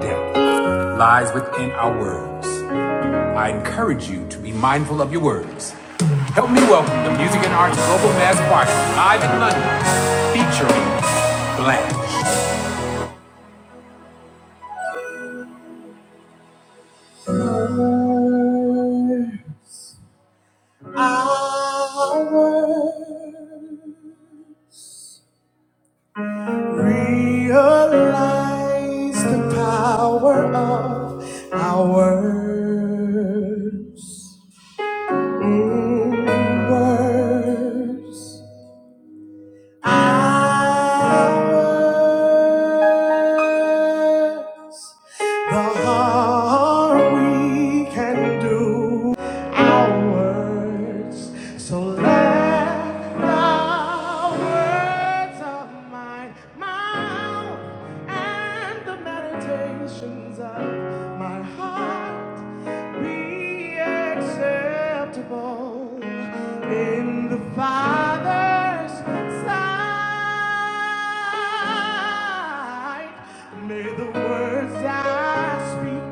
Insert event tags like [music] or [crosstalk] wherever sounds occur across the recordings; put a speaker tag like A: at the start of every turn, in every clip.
A: Death lies within our words. I encourage you to be mindful of your words. Help me welcome the Music and Arts Global Mass Choir live in London, featuring Blanche. I Realize the power of our words. Mm, words. Ours, the heart we can do hours. So let the words of my mouth and the meditations of my heart be acceptable in the Father's sight. May the words I speak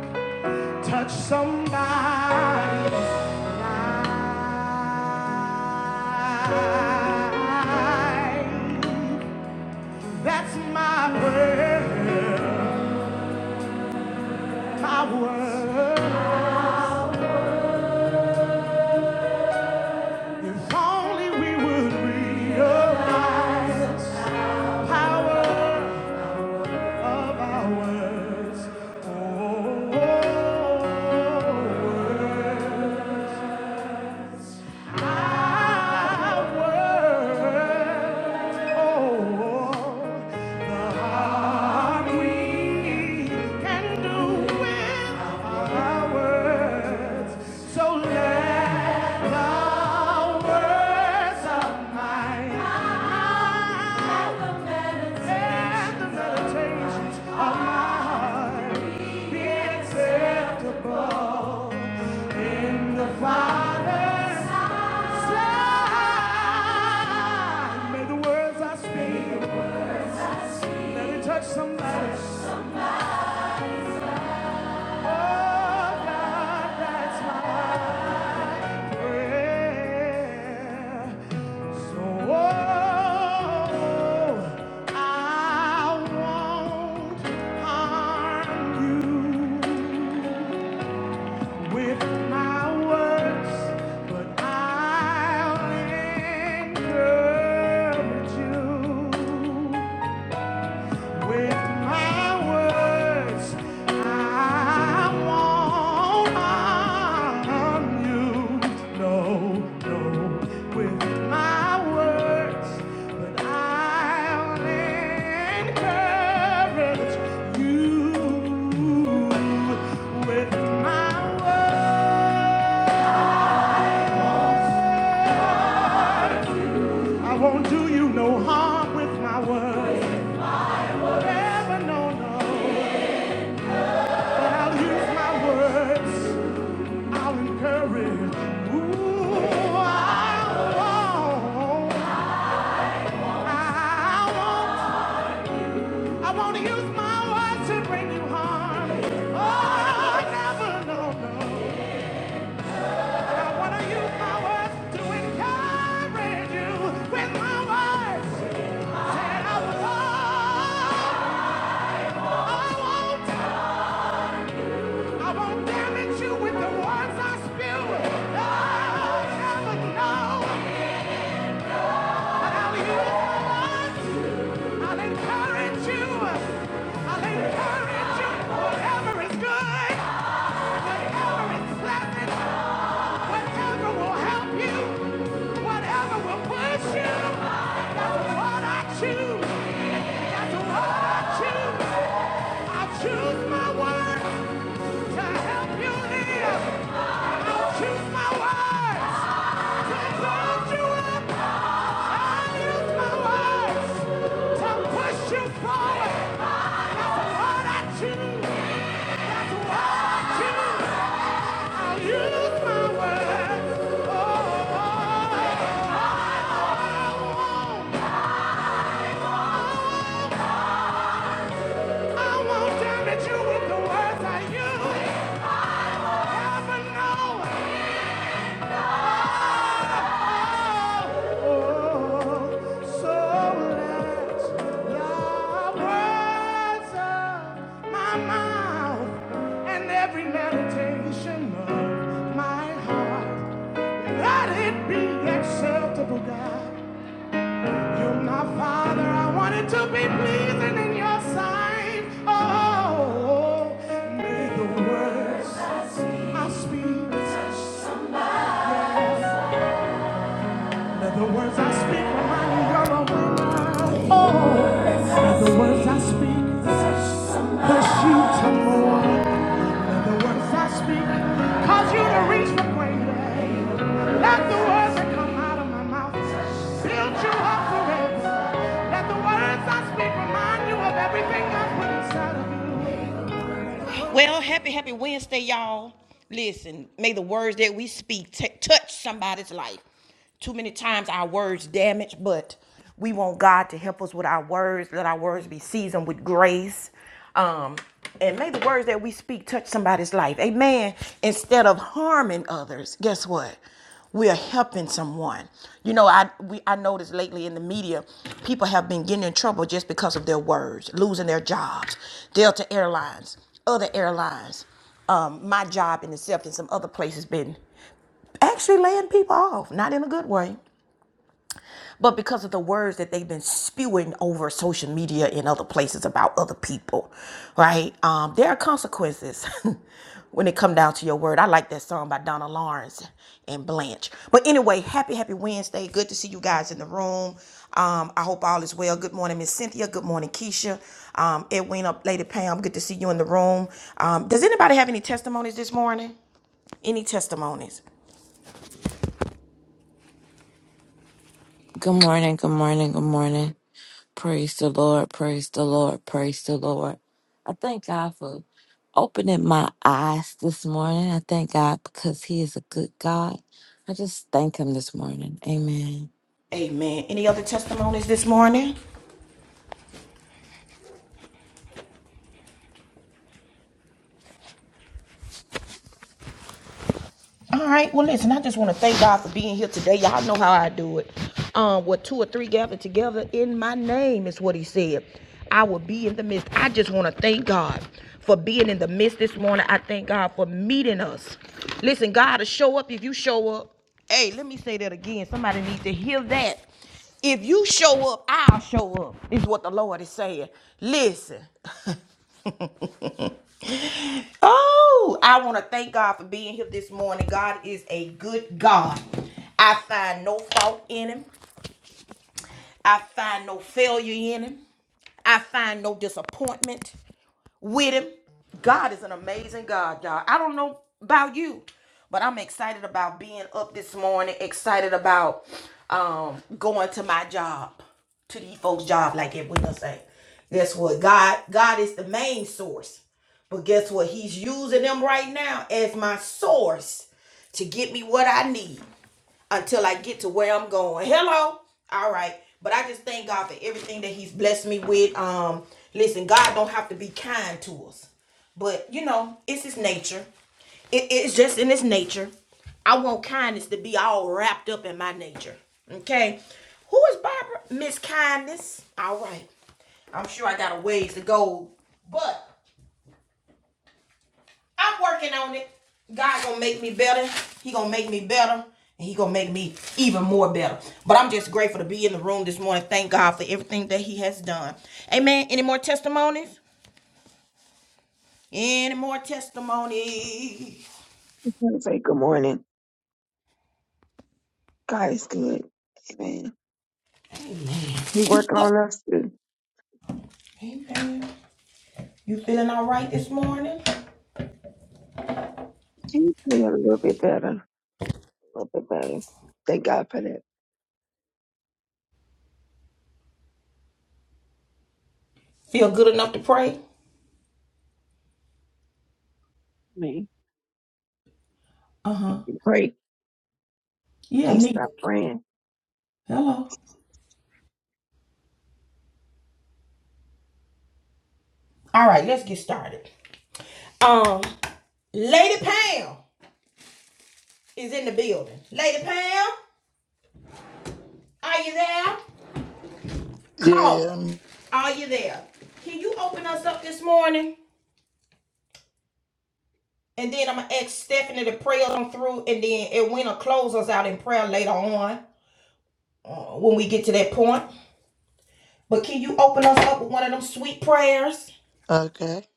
A: Touch somebody's life. That's my prayer, my word. If only we would realize the power of our words. Oh, words. Father May the words I speak, let it touch somebody. Oh God, that's my prayer. So oh, I won't harm you with my words, but I'll encourage you. With my words, I won't harm you. No, no. With my words, but I'll encourage you. With my words, I won't do you no harm with my words. Never, no, no. But I'll use my words. I'll encourage. Ooh, I want, I want, I want to use my words to bring you harm. Oh, I never, know. no. I want to use my words to encourage you with my words. Said I won't, I won't, I won't damage you with the words I spew. Oh, I never, know But I'll use my words. I'll encourage you. I'll encourage you. Whatever is good, whatever is pleasant, whatever will help you, whatever will push you. That's what I choose. That's what I choose. I choose my word. To help you live, I'll choose my words. To build you up, I'll use my words. To push you forward, that's what I choose. That's what I choose. I'll use my words. Oh, I won't, I won't damage you with the words I use. Heaven knows. To be pleasing in your sight, oh, may the words I speak I speak. touch somebody. Yes. Let the words I speak remind you you're a winner. Oh, let the words I speak push you to more. Let the words I speak cause you to reach for greater. Let the words that come out of my mouth build you up forever. Let the words I speak remind you of everything I put inside of you. Well, happy, happy Wednesday, y'all. Listen, may the words that we speak t- touch somebody's life. Too many times our words damage, but we want God to help us with our words. Let our words be seasoned with grace. Um, and may the words that we speak touch somebody's life. Amen. Instead of harming others, guess what? we are helping someone. You know, I we I noticed lately in the media, people have been getting in trouble just because of their words, losing their jobs. Delta Airlines, other airlines, um, my job in itself, and some other places been actually laying people off, not in a good way but because of the words that they've been spewing over social media and other places about other people, right? Um, there are consequences [laughs] when it come down to your word. I like that song by Donna Lawrence and Blanche. But anyway, happy, happy Wednesday. Good to see you guys in the room. Um, I hope all is well. Good morning, Miss Cynthia. Good morning, Keisha. Um, Edwina, Lady Pam, good to see you in the room. Um, does anybody have any testimonies this morning? Any testimonies?
B: Good morning, good morning, good morning. Praise the Lord, praise the Lord, praise the Lord. I thank God for opening my eyes this morning. I thank God because He is a good God. I just thank Him this morning. Amen.
A: Amen. Any other testimonies this morning? All right. Well, listen, I just want to thank God for being here today. Y'all know how I do it. Um, what two or three gathered together in my name is what he said. I will be in the midst. I just want to thank God for being in the midst this morning. I thank God for meeting us. Listen, God will show up if you show up. Hey, let me say that again. Somebody needs to hear that. If you show up, I'll show up, is what the Lord is saying. Listen. Oh, I want to thank God for being here this morning. God is a good God. I find no fault in him. I find no failure in him. I find no disappointment with him. God is an amazing God, y'all. I don't know about you, but I'm excited about being up this morning, excited about um going to my job, to these folks' job, like it we say. Guess what? God, God is the main source. But guess what? He's using them right now as my source to get me what I need until I get to where I'm going. Hello? All right. But I just thank God for everything that He's blessed me with. Um, listen, God don't have to be kind to us. But you know, it's his nature. It- it's just in his nature. I want kindness to be all wrapped up in my nature. Okay. Who is Barbara? Miss Kindness. All right. I'm sure I got a ways to go, but I'm working on it. God gonna make me better. He gonna make me better. And he gonna make me even more better. But I'm just grateful to be in the room this morning. Thank God for everything that he has done. Amen. Any more testimonies? Any more testimonies?
C: want to say good morning. God is good. Amen. He working on us too.
A: Amen. You feeling all right this morning?
C: Can you feel a little bit better. A little bit better. Thank God for that.
A: Feel good enough to pray?
C: Amen. I
A: Uh-huh.
C: can pray.
A: Yeah,
C: Can't
A: me.
C: stop praying.
A: Hello. All right, let's get started. Um, Lady Pam is in the building. Lady Pam, are you there?
D: Yeah.
A: Call.
D: um,
A: Are you there? Can you open us up this morning? And then I'm gonna ask Stephanie to pray us on through, and then Edwina will close us out in prayer later on when we get to that point. But can you open us up with one of them sweet prayers?
D: Okay.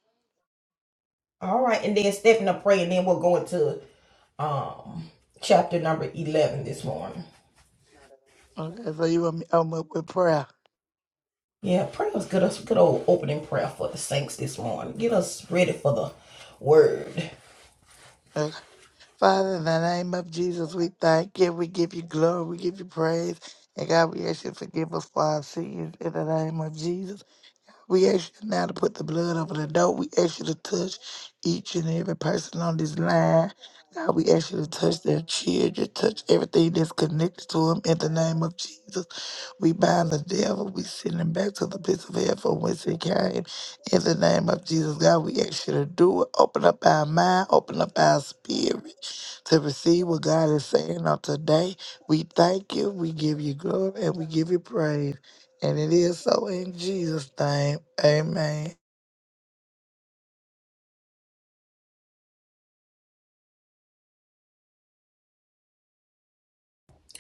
A: All right, and then Stephanie will pray, and then we'll go into um chapter number eleven this morning.
D: Okay. So you want me to open up with prayer?
A: Yeah, pray us good us good old opening prayer for the saints this morning. Get us ready for the word.
D: Okay. Father, in the name of Jesus, we thank you. We give you glory. We give you praise. And God, we ask you to forgive us for our sins in the name of Jesus. We ask you now to put the blood over the door. We ask you to touch each and every person on this line. God, we ask you to touch their children, touch everything that's connected to them in the name of Jesus. We bind the devil. We send him back to the pits of hell from whence he came. In the name of Jesus, God, we ask you to do it. Open up our mind, open up our spirit to receive what God is saying on today. We thank you. We give you glory and we give you praise. And it is so in Jesus' name. Amen.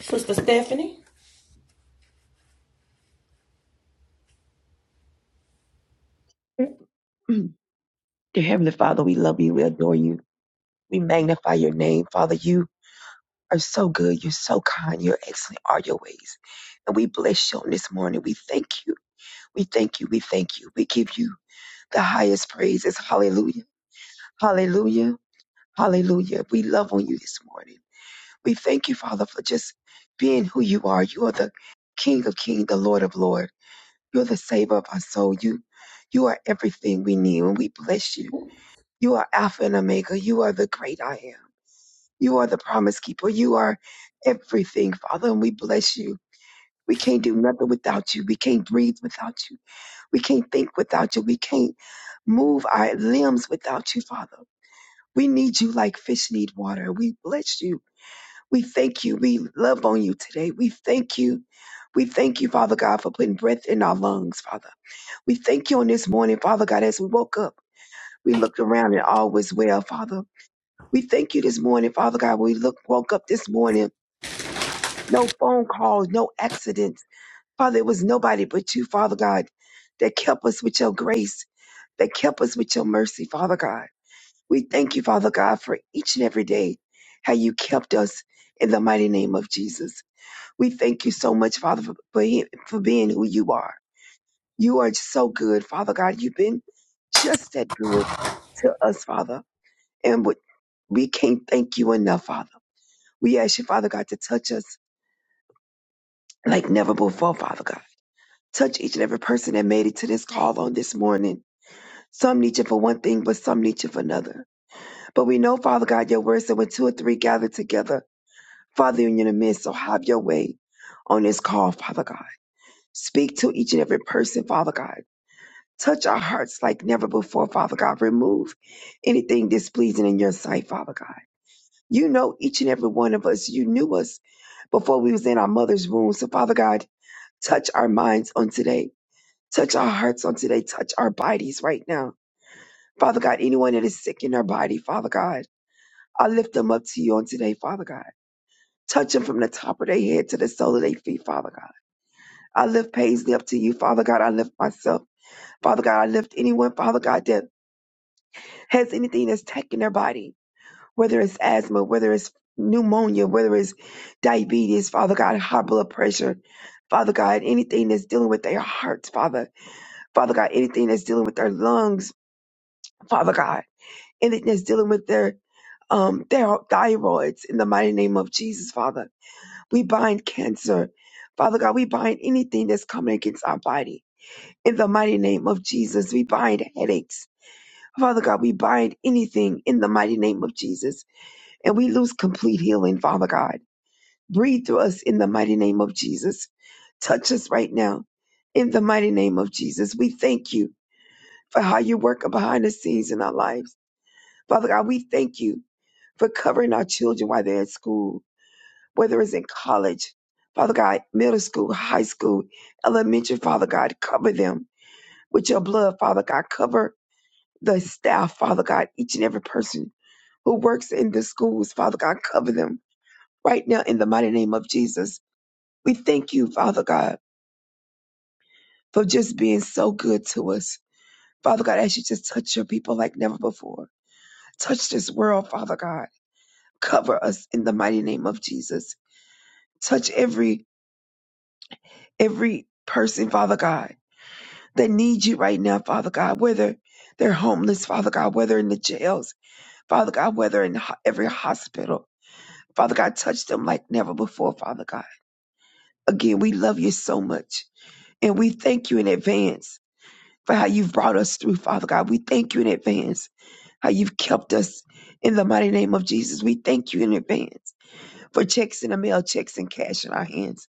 A: Sister Stephanie.
C: [clears throat] Dear Heavenly Father, we love you. We adore you. We magnify your name. Father, you are so good. You're so kind. You're excellent all your ways. And we bless you on this morning. We thank you. We thank you. We thank you. We give you the highest praises. Hallelujah. Hallelujah. Hallelujah. We love on you this morning. We thank you, Father, for just being who you are. You are the King of Kings, the Lord of Lords. You're the Savior of our soul. You, you are everything we need, and we bless you. You are Alpha and Omega. You are the great I am. You are the promise keeper. You are everything, Father, and we bless you. We can't do nothing without you. We can't breathe without you. We can't think without you. We can't move our limbs without you, Father. We need you like fish need water. We bless you we thank you. We love on you today. We thank you. We thank you, Father God, for putting breath in our lungs, Father. We thank you on this morning, Father God, as we woke up. We looked around and all was well, Father. We thank you this morning, Father God. We look, woke up this morning. No phone calls, no accidents. Father, it was nobody but you, Father God, that kept us with your grace, that kept us with your mercy, Father God. We thank you, Father God, for each and every day, how you kept us in the mighty name of Jesus. We thank you so much, Father, for, for, him- for being who you are. You are so good, Father God. You've been just that good to us, Father. And we we can't thank you enough, Father. We ask you, Father God, to touch us like never before, Father God. Touch each and every person that made it to this call on this morning. Some need you for one thing, but some need you for another. But we know, Father God, your word said when two or three gather together, Father, you're in the midst. So have your way on this call, Father God. Speak to each and every person, Father God. Touch our hearts like never before, Father God. Remove anything displeasing in your sight, Father God. You know each and every one of us. You knew us before we was in our mother's womb. So, Father God, touch our minds on today. Touch our hearts on today. Touch our bodies right now. Father God, anyone that is sick in their body, Father God, I lift them up to you on today, Father God. Touch them from the top of their head to the sole of their feet, Father God. I lift Paisley up to you, Father God. I lift myself, Father God. I lift anyone, Father God, that has anything that's attacking their body. whether it's asthma, whether it's pneumonia, whether it's diabetes, Father God, high blood pressure, Father God, anything that's dealing with their hearts, Father, Father God, anything that's dealing with their lungs, Father God, anything that's dealing with their um their thyroids in the mighty name of Jesus, Father. We bind cancer. Father God, we bind anything that's coming against our body. In the mighty name of Jesus, we bind headaches. Father God, we bind anything in the mighty name of Jesus. And we lose complete healing, Father God Breathe through us in the mighty name of Jesus. Touch us right now in the mighty name of Jesus. We thank you for how you work behind the scenes in our lives. Father God, we thank you for covering our children while they're at school, whether it's in college, Father God, middle school, high school, elementary, Father God, cover them with your blood, Father God. Cover the staff, Father God, each and every person who works in the schools, Father God, cover them right now in the mighty name of Jesus. We thank you, Father God for just being so good to us. Father God, as you just touch your people like never before. Touch this world, Father God. Cover us in the mighty name of Jesus. Touch every every person, Father God, that needs you right now, Father God, whether they're homeless, Father God, whether in the jails, Father God, whether in ho- every hospital. Father God, touch them like never before, Father God. Again, we love you so much. And we thank you in advance for how you've brought us through, Father God. We thank you in advance how you've kept us in the mighty name of Jesus. We thank you in advance for checks in the mail, checks and cash in our hands,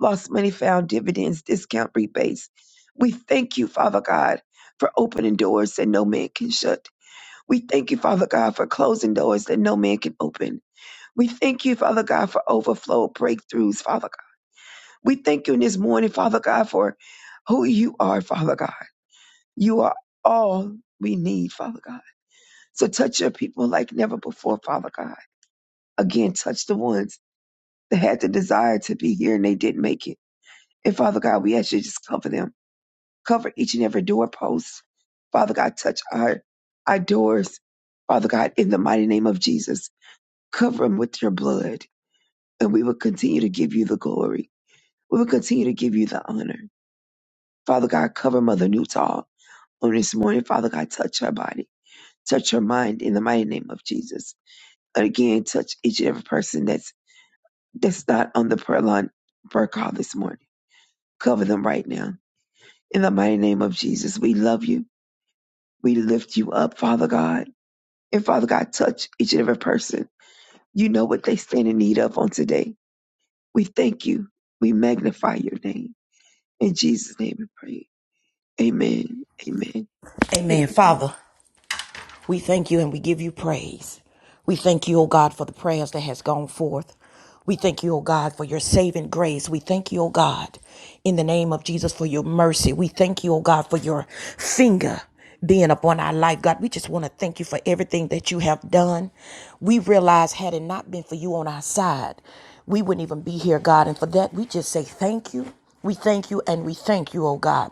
C: lost money found, dividends, discount rebates. We thank you, Father God, for opening doors that no man can shut. We thank you, Father God, for closing doors that no man can open. We thank you, Father God, for overflow breakthroughs, Father God. We thank you in this morning, Father God, for who you are, Father God. You are all we need, Father God. So touch your people like never before, Father God. again, touch the ones that had the desire to be here and they didn't make it. And Father God, we ask you to just cover them, cover each and every doorpost. Father God, touch our, our doors. Father God, in the mighty name of Jesus, cover them with your blood. And we will continue to give you the glory. We will continue to give you the honor. Father God, cover Mother Newtall on this morning. Father God, touch her body, touch her mind in the mighty name of Jesus. And again, touch each and every person that's that's not on the prayer line prayer call this morning. Cover them right now. In the mighty name of Jesus, we love you. We lift you up, Father God. And Father God, touch each and every person. You know what they stand in need of on today. We thank you. We magnify your name. In Jesus' name we pray. Amen. Amen.
A: Amen.
C: Amen.
A: Father, We thank you and we give you praise. We thank you, O God, for the prayers that has gone forth. We thank you, O God, for your saving grace. We thank you, O God, in the name of Jesus for your mercy. We thank you, O God, for your finger being upon our life. God, we just want to thank you for everything that you have done. We realize had it not been for you on our side, we wouldn't even be here, God. And for that, we just say thank you. We thank you and we thank you, oh God.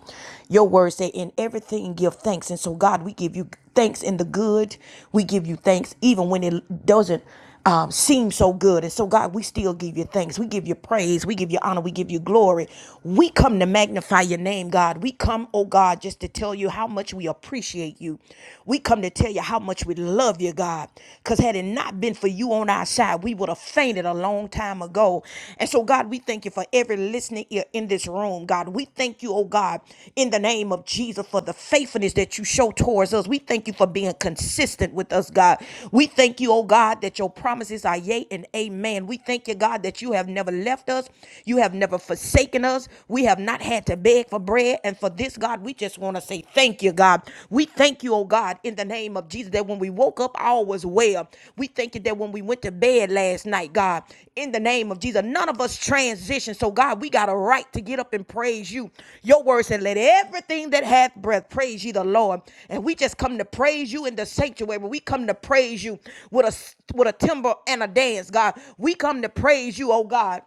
A: Your words say, in everything give thanks. And so, God, we give you thanks in the good. We give you thanks even when it doesn't um, seem so good. And so, God, we still give you thanks. We give you praise. We give you honor. We give you glory. We come to magnify your name, God. We come, oh God, just to tell you how much we appreciate you. We come to tell you how much we love you, God. Because had it not been been for you on our side, we would have fainted a long time ago. And so, God, we thank you for every listening ear in this room. God, we thank you, oh God, in the name of Jesus for the faithfulness that you show towards us. We thank you for being consistent with us, God. We thank you, oh God, that your promises are yea and amen. We thank you, God, that you have never left us. You have never forsaken us. We have not had to beg for bread. And for this, God, we just want to say, say thank you, God. We thank you, oh God, in the name of Jesus, that when we woke up, all was well. We thank you that when we went to bed last night, God, in the name of Jesus, none of us transitioned. So, God, we got a right to get up and praise you. Your word said, let everything that hath breath praise you, the Lord. And we just come to praise you in the sanctuary. We come to praise you with a, with a timbre and a dance, God. We come to praise you, oh God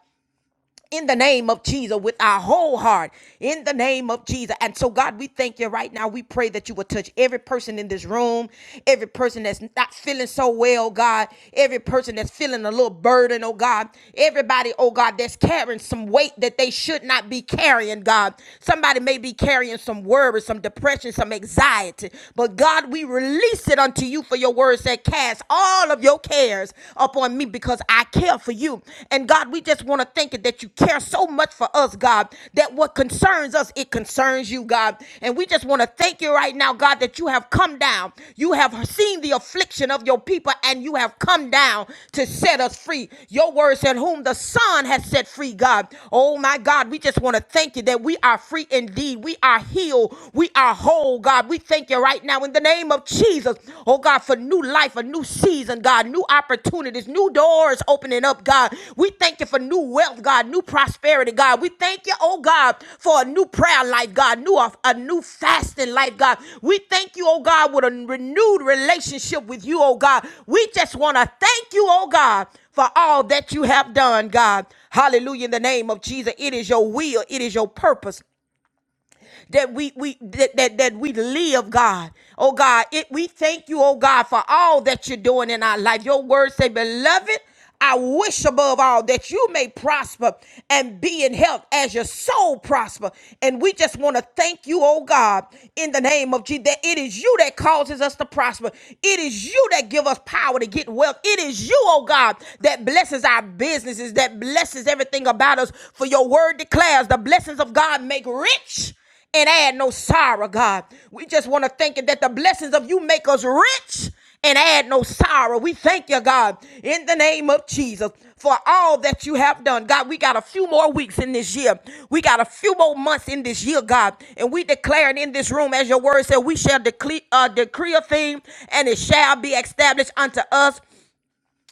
A: in the name of Jesus with our whole heart in the name of Jesus. And so, God, we thank you right now. We pray that you will touch every person in this room, every person that's not feeling so well, God, every person that's feeling a little burden, oh God, everybody, oh God, that's carrying some weight that they should not be carrying, God. Somebody may be carrying some worry, some depression, some anxiety, but God, we release it unto you for your word said, Cast all of your cares prayers up on me because I care for you. And God, we just want to thank you that you care so much for us, God, that what concerns us, it concerns you, God. And we just want to thank you right now, God, that you have come down. You have seen the affliction of your people and you have come down to set us free. Your word said, Whom the Son has set free, God. Oh my God, we just want to thank you that we are free indeed. We are healed. We are whole, God. We thank you right now in in the name of Jesus. Oh God, for new life, a new season, God, new opportunities, new doors opening up, God. We thank you for new wealth, God, new prosperity, God. We thank you, oh God, for a new prayer life, God, new a new fasting life, God. We thank you, oh God, with a renewed relationship with you, oh God. We just want to thank you, oh God, for all that you have done, God. Hallelujah. In the name of Jesus, it is your will, it is your purpose that we we that that, that we live, God. Oh God, it, we thank you, oh God, for all that you're doing in our life. Your word say, beloved. I wish above all that you may prosper and be in health as your soul prosper. And we just want to thank you, oh God, in the name of Jesus, that it is you that causes us to prosper. It is you that give us power to get wealth. It is you, oh God, that blesses our businesses, that blesses everything about us. For your word declares the blessings of God make rich and add no sorrow, God. We just want to thank you that the blessings of you make us rich and add no sorrow. We thank you, God, in the name of Jesus for all that you have done. God, we got a few more weeks in this year. We got a few more months in this year, God. And we declare it in this room, as your word said, we shall decree, uh, decree a thing and it shall be established unto us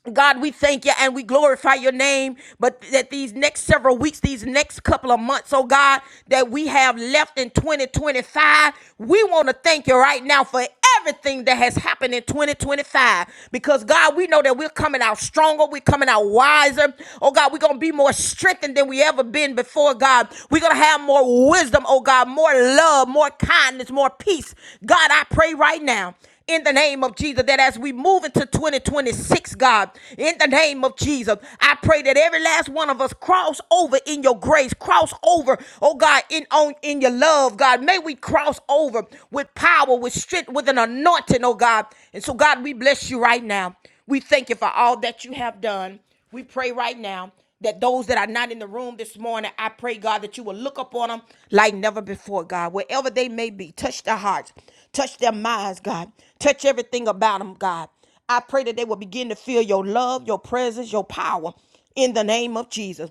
A: God, we thank you and we glorify your name. But that these next several weeks, these next couple of months, oh God, that we have left in 2025, we want to thank you right now for everything that has happened in 2025. Because God, we know that we're coming out stronger, we're coming out wiser. Oh God, we're going to be more strengthened than we ever been before, God. We're going to have more wisdom, oh God, more love, more kindness, more peace. God, I pray right now in the name of Jesus that as we move into 2026, God, in the name of Jesus, I pray that every last one of us cross over in your grace, cross over, oh God, in on in your love, God. May we cross over with power, with strength, with an anointing, oh God. And so, God, we bless you right now. We thank you for all that you have done. We pray right now that those that are not in the room this morning, I pray, God, that you will look upon them like never before, God. Wherever they may be, touch their hearts, touch their minds, God. Touch everything about them, God. I pray that they will begin to feel your love, your presence, your power in the name of Jesus.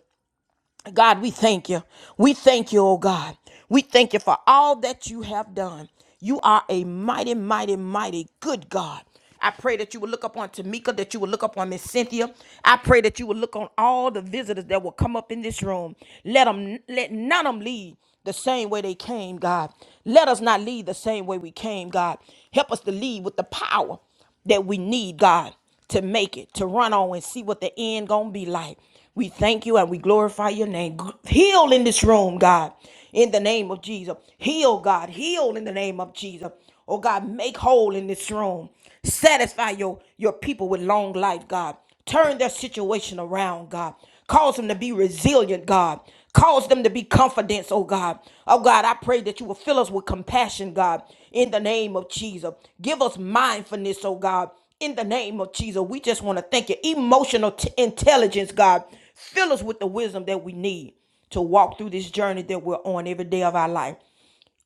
A: God, we thank you. We thank you, oh God. We thank you for all that you have done. You are a mighty, mighty, mighty good God. I pray that you will look up on Tamika, that you will look up on Miss Cynthia. I pray that you will look on all the visitors that will come up in this room. Let them, let none of them leave the same way they came, God. Let us not leave the same way we came, God. Help us to leave with the power that we need, God, to make it, to run on and see what the end gonna be like. We thank you and we glorify your name. Heal in this room, God, in the name of Jesus. Heal, God, heal in the name of Jesus. Oh God, make whole in this room. Satisfy your, your people with long life, God. Turn their situation around, God. Cause them to be resilient, God. Cause them to be confidence, oh God. Oh God, I pray that you will fill us with compassion, God, in the name of Jesus. Give us mindfulness, oh God, in the name of Jesus. We just want to thank you. Emotional t- intelligence, God. Fill us with the wisdom that we need to walk through this journey that we're on every day of our life,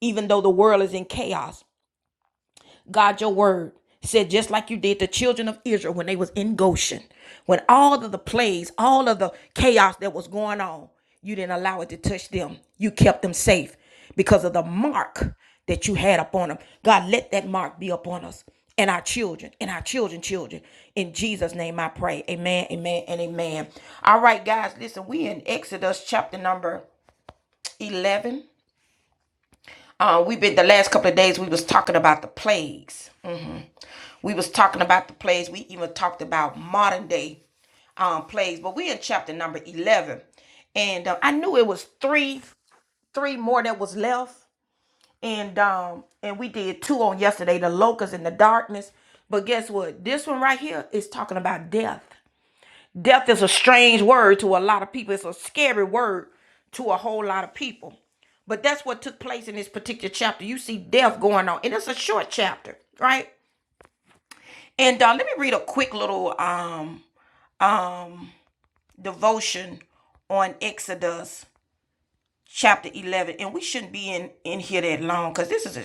A: even though the world is in chaos. God, your word said, just like you did the children of Israel when they was in Goshen, when all of the plagues, all of the chaos that was going on, you didn't allow it to touch them. You kept them safe because of the mark that you had upon them. God, let that mark be upon us and our children and our children, children. In Jesus' name I pray. Amen, amen, and amen. All right, guys, listen, we in Exodus chapter number 11. Uh, we've been the last couple of days we was talking about the plagues. Mhm. We was talking about the plagues. We even talked about modern day um, plagues, but we're in chapter number eleven, and uh, I knew it was three three more that was left, and um and we did two on yesterday, the locusts and the darkness. But guess what? This one right here is talking about death. Death is a strange word to a lot of people. It's a scary word to a whole lot of people. But that's what took place in this particular chapter. You see death going on, and it's a short chapter, right? And uh, let me read a quick little um um devotion on Exodus chapter eleven, and we shouldn't be in in here that long because this is a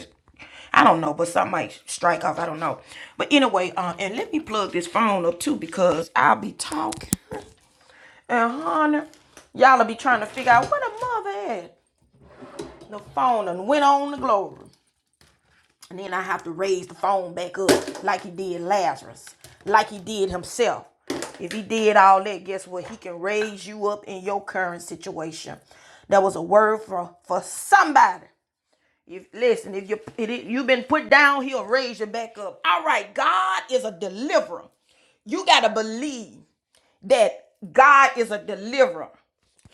A: I don't know, but some might strike off. I don't know, but anyway, uh, and let me plug this phone up too because I'll be talking. And honey, y'all'll be trying to figure out where the mother at. The phone and went on to glory. And then I have to raise the phone back up like he did Lazarus, like he did himself. If he did all that, guess what? He can raise you up in your current situation. That was a word for for somebody. If listen, if you if you've been put down, he'll raise you back up. All right, God is a deliverer. You gotta believe that God is a deliverer.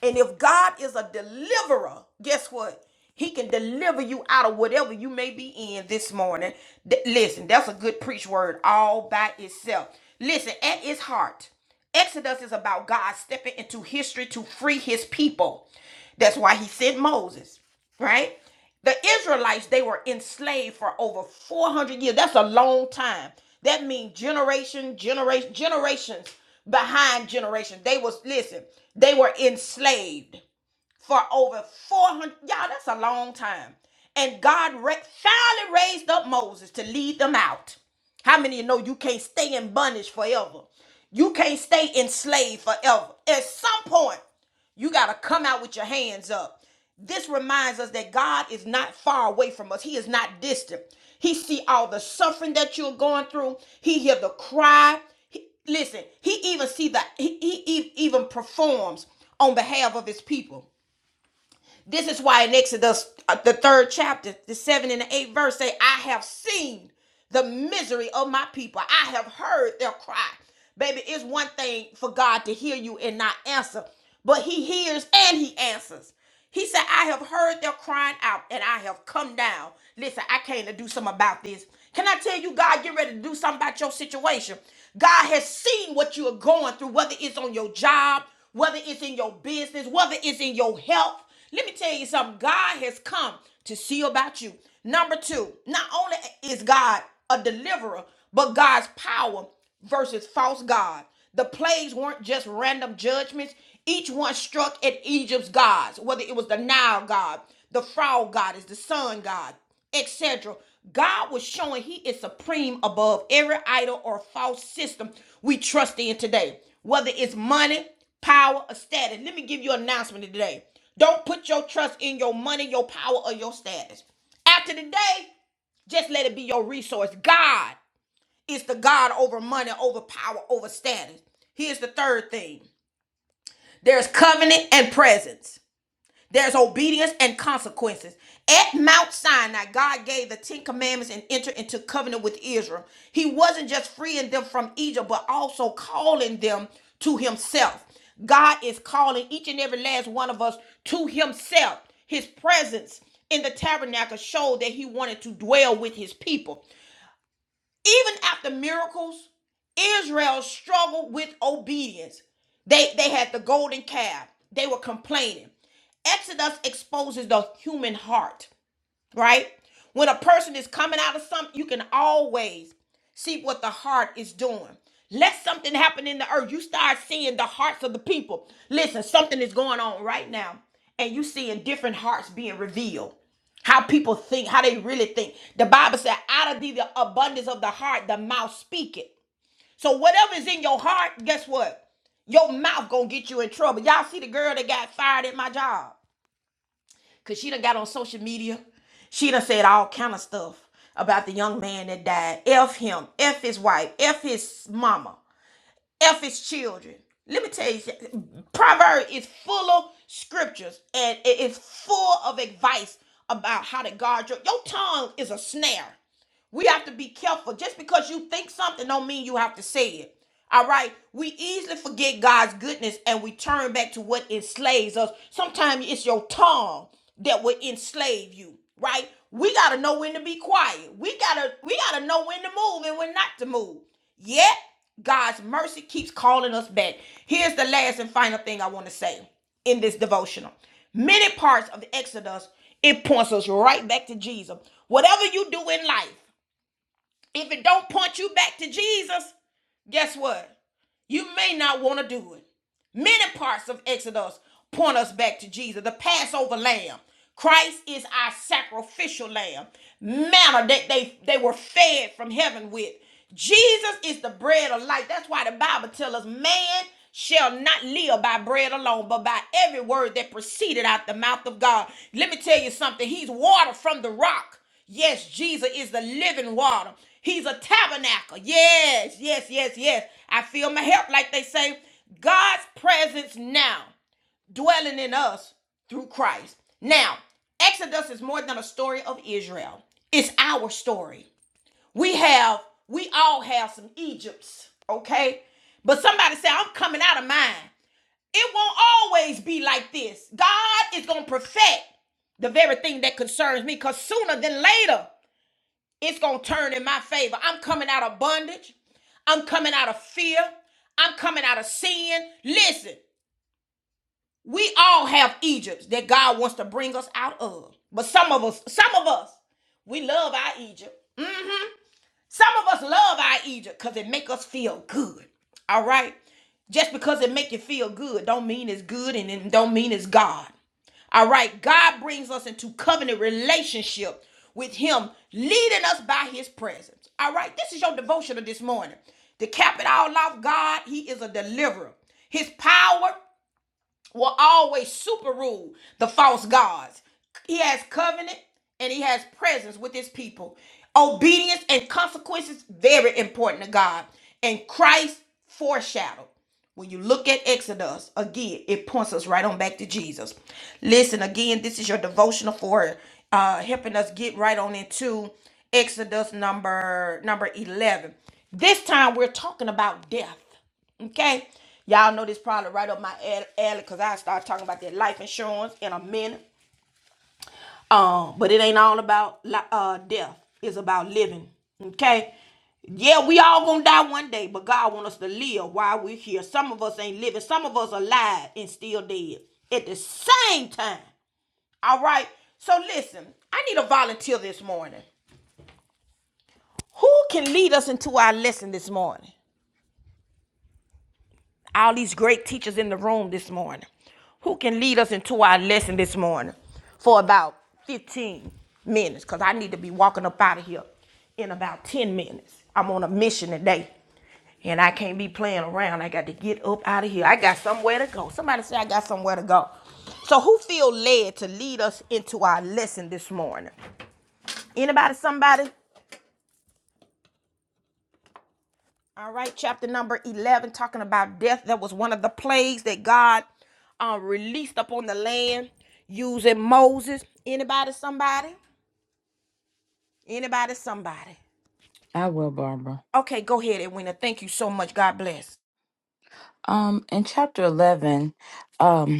A: And if God is a deliverer, guess what? He can deliver you out of whatever you may be in this morning. Th- listen, that's a good preach word all by itself. Listen, at its heart, Exodus is about God stepping into history to free his people. That's why he sent Moses right? The Israelites, they were enslaved for over 400 years. That's a long time. That means generation, generation, generations behind generation. They was, listen, they were enslaved for over 400 y'all that's a long time and god ra- finally raised up moses to lead them out how many of you know you can't stay in bondage forever you can't stay enslaved forever at some point you got to come out with your hands up this reminds us that god is not far away from us he is not distant he see all the suffering that you're going through he hear the cry He- listen he even see that he, he he even performs on behalf of his people this is why in Exodus, uh, the third chapter, the seventh and the eighth verse say, I have seen the misery of my people. I have heard their cry. Baby, it's one thing for God to hear you and not answer, but he hears and he answers. He said, I have heard their crying out and I have come down. Listen, I came to do something about this. Can I tell you, God, get ready to do something about your situation? God has seen what you are going through, whether it's on your job, whether it's in your business, whether it's in your health. Let me tell you something. God has come to see about you. Number two, not only is God a deliverer, but God's power versus false God. The plagues weren't just random judgments. Each one struck at Egypt's gods, whether it was the Nile God, the frog goddess, the sun god, etc. God was showing he is supreme above every idol or false system we trust in today, whether it's money, power, or status. Let me give you an announcement today. Don't put your trust in your money, your power, or your status. After the day, just let it be your resource. God is the God over money, over power, over status. Here's the third thing there's covenant and presence. There's obedience and consequences. At Mount Sinai, God gave the Ten Commandments and entered into covenant with Israel. He wasn't just freeing them from Egypt, but also calling them to Himself. God is calling each and every last one of us to Himself. His presence in the tabernacle showed that He wanted to dwell with His people. Even after miracles, Israel struggled with obedience. They, they had the golden calf, they were complaining. Exodus exposes the human heart right? When a person is coming out of something, you can always see what the heart is doing. Let something happen in the earth. You start seeing the hearts of the people. Listen, something is going on right now, and you seeing different hearts being revealed. How people think, how they really think. The Bible said, out of the abundance of the heart, the mouth speaketh." So whatever is in your heart, guess what? Your mouth gonna get you in trouble. Y'all see the girl that got fired at my job. Cause she done got on social media. She done said all kind of stuff about the young man that died. F him. F his wife. F his mama. F his children. Let me tell you, something. Proverbs is full of scriptures and it is full of advice about how to guard your your tongue is a snare. We have to be careful. Just because you think something don't mean you have to say it. All right. We easily forget God's goodness and we turn back to what enslaves us. Sometimes it's your tongue that will enslave you, right? We gotta know when to be quiet. We gotta we gotta know when to move and when not to move. Yet God's mercy keeps calling us back. Here's the last and final thing I want to say in this devotional. Many parts of Exodus, it points us right back to Jesus. Whatever you do in life, if it don't point you back to Jesus, guess what? You may not want to do it. Many parts of Exodus point us back to Jesus, the Passover lamb. Christ is our sacrificial lamb, manna that they, they were fed from heaven with. Jesus is the bread of life. That's why the Bible tells us man shall not live by bread alone, but by every word that proceeded out the mouth of God. Let me tell you something. He's water from the rock. Yes, Jesus is the living water. He's a tabernacle. Yes, yes, yes, yes. I feel my help, like they say. God's presence now dwelling in us through Christ. Now, Exodus is more than a story of Israel, it's our story. We have, we all have some Egypts, okay? But somebody say, I'm coming out of mine. It won't always be like this. God is going to perfect the very thing that concerns me because sooner than later, it's going to turn in my favor. I'm coming out of bondage. I'm coming out of fear. I'm coming out of sin. Listen, we all have Egypts that God wants to bring us out of. But some of us, some of us, we love our Egypt. Some of us love our Egypt because it make us feel good. All right. Just because it make you feel good don't mean it's good and it don't mean it's God. All right. God brings us into covenant relationship with him, leading us by his presence. All right. This is your devotional this morning. To cap it all off, God, he is a deliverer. His power will always superrule the false gods. He has covenant and he has presence with his people. Obedience and consequences very important to God. And Christ foreshadowed. When you look at Exodus, again, it points us right on back to Jesus. Listen, again, this is your devotional for uh helping us get right on into Exodus number number 11. This time we're talking about death. Okay. Y'all know this probably right up my alley because I start talking about that life insurance in a minute. Um, but it ain't all about uh death. It's about living. Okay. Yeah, we all gonna die one day, but God want us to live while we're here. Some of us ain't living. Some of us alive and still dead at the same time. All right. So listen, I need a volunteer this morning. Who can lead us into our lesson this morning? all these great teachers in the room this morning who can lead us into our lesson this morning for about 15 minutes because I need to be walking up out of here in about 10 minutes. I'm on a mission today and I can't be playing around. I got to get up out of here. I got somewhere to go. Somebody say I got somewhere to go. So who feel led to lead us into our lesson this morning? Anybody, somebody? All right, chapter number 11, talking about death. That was one of the plagues that God uh, released upon the land using Moses. Anybody, somebody? Anybody, somebody?
B: I will, Barbara.
A: Okay, go ahead, Edwina. Thank you so much. God bless.
B: Um, in chapter eleven, um.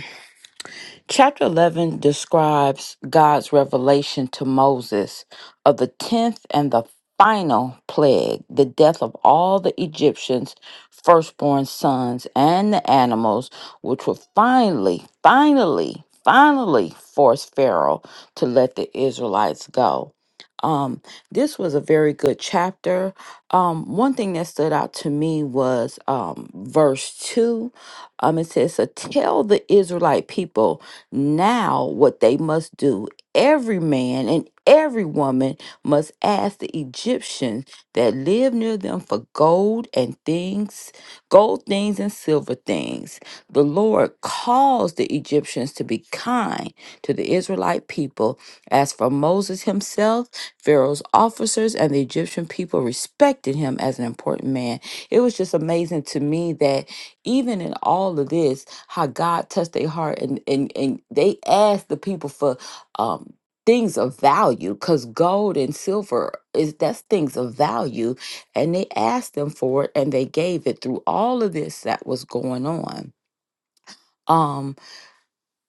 B: Chapter 11 describes God's revelation to Moses of the 10th and the final plague, the death of all the Egyptians' firstborn sons and the animals, which would finally, finally, finally force Pharaoh to let the Israelites go. Um, this was a very good chapter. Um, one thing that stood out to me was um, verse 2. Um, it says, so Tell the Israelite people now, what they must do, every man and every woman must ask the Egyptians that live near them for gold and things, gold things and silver things. The Lord caused the Egyptians to be kind to the Israelite people. As for Moses himself, Pharaoh's officers and the Egyptian people respected him as an important man. It was just amazing to me that even in all of this, how God touched their heart and and and they asked the people for um things of value because gold and silver is that's things of value and they asked them for it and they gave it through all of this that was going on Um,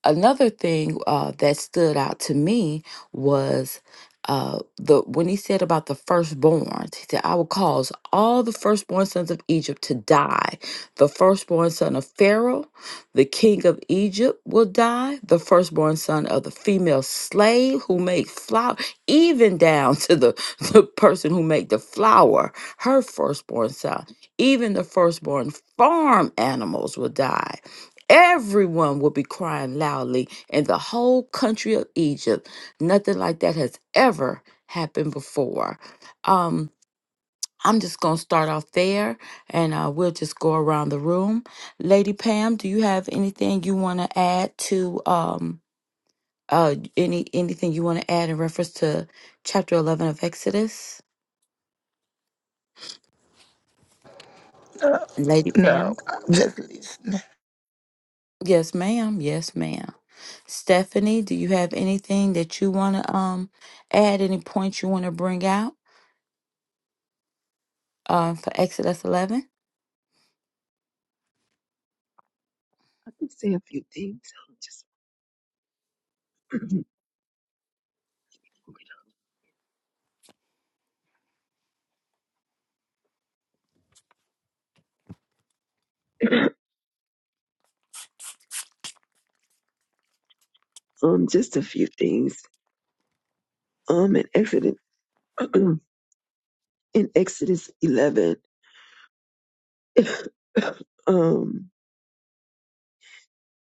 B: another thing uh, that stood out to me was uh, the when he said about the firstborn, he said, "I will cause all the firstborn sons of Egypt to die. The firstborn son of Pharaoh, the king of Egypt, will die. The firstborn son of the female slave who made flour, even down to the [laughs] the person who made the flour, her firstborn son. Even the firstborn farm animals will die." Everyone will be crying loudly in the whole country of Egypt. Nothing like that has ever happened before. Um, I'm just going to start off there and uh, we'll just go around the room. Lady Pam, do you have anything you want to add to um, uh, any anything you want to add in reference to chapter 11 of Exodus?
D: No,
B: Lady Pam?
D: no, I'm just listening.
B: Yes, ma'am. Yes, ma'am. Stephanie, do you have anything that you want to um add? Any points you want to bring out uh, for Exodus 11?
C: I can say a few things. Um, Just, [clears throat] um, just a few things. Um, in Exodus, [clears throat] in Exodus 11, [clears throat] [laughs] um,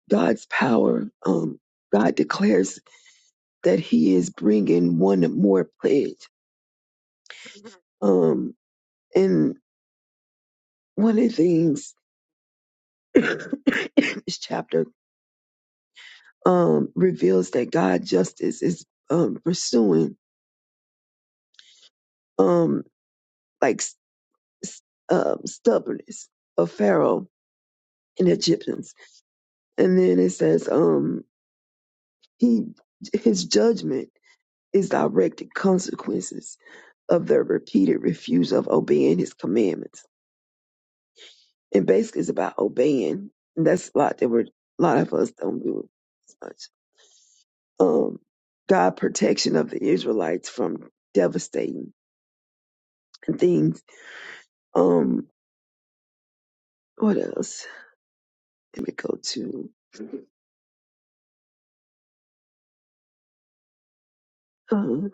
C: God's power, um, God declares that he is bringing one more pledge. Um, and one of the things [coughs] in this chapter um, reveals that God justice is um, pursuing um, like s- s- um, stubbornness of Pharaoh and Egyptians, and then it says um, he his judgment is directed consequences of their repeated refuse of obeying his commandments And basically it's about obeying. And that's a lot that we're, a lot of us don't do as much. Um, God protection of the Israelites from devastating things. Um, what else? Let me go to, um,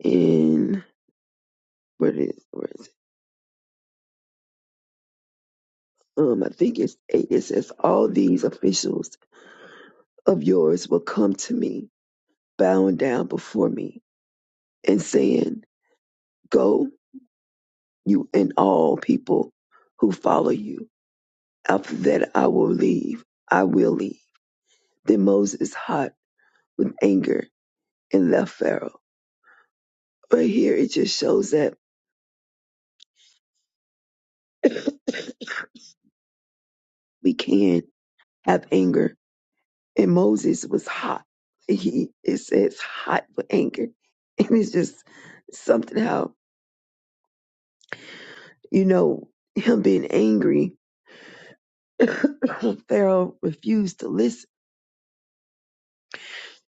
C: in, where is, where is it? Um, I think it's eight. It says, all these officials of yours will come to me, bowing down before me and saying, go you and all people who follow you After that, I will leave. I will leave. Then Moses hot with anger and left Pharaoh. But here it just shows that [clears throat] we can have anger. And Moses was hot. He it says hot with anger. [laughs] And it's just something how, you know, him being angry, [clears throat] [coughs] Pharaoh refused to listen.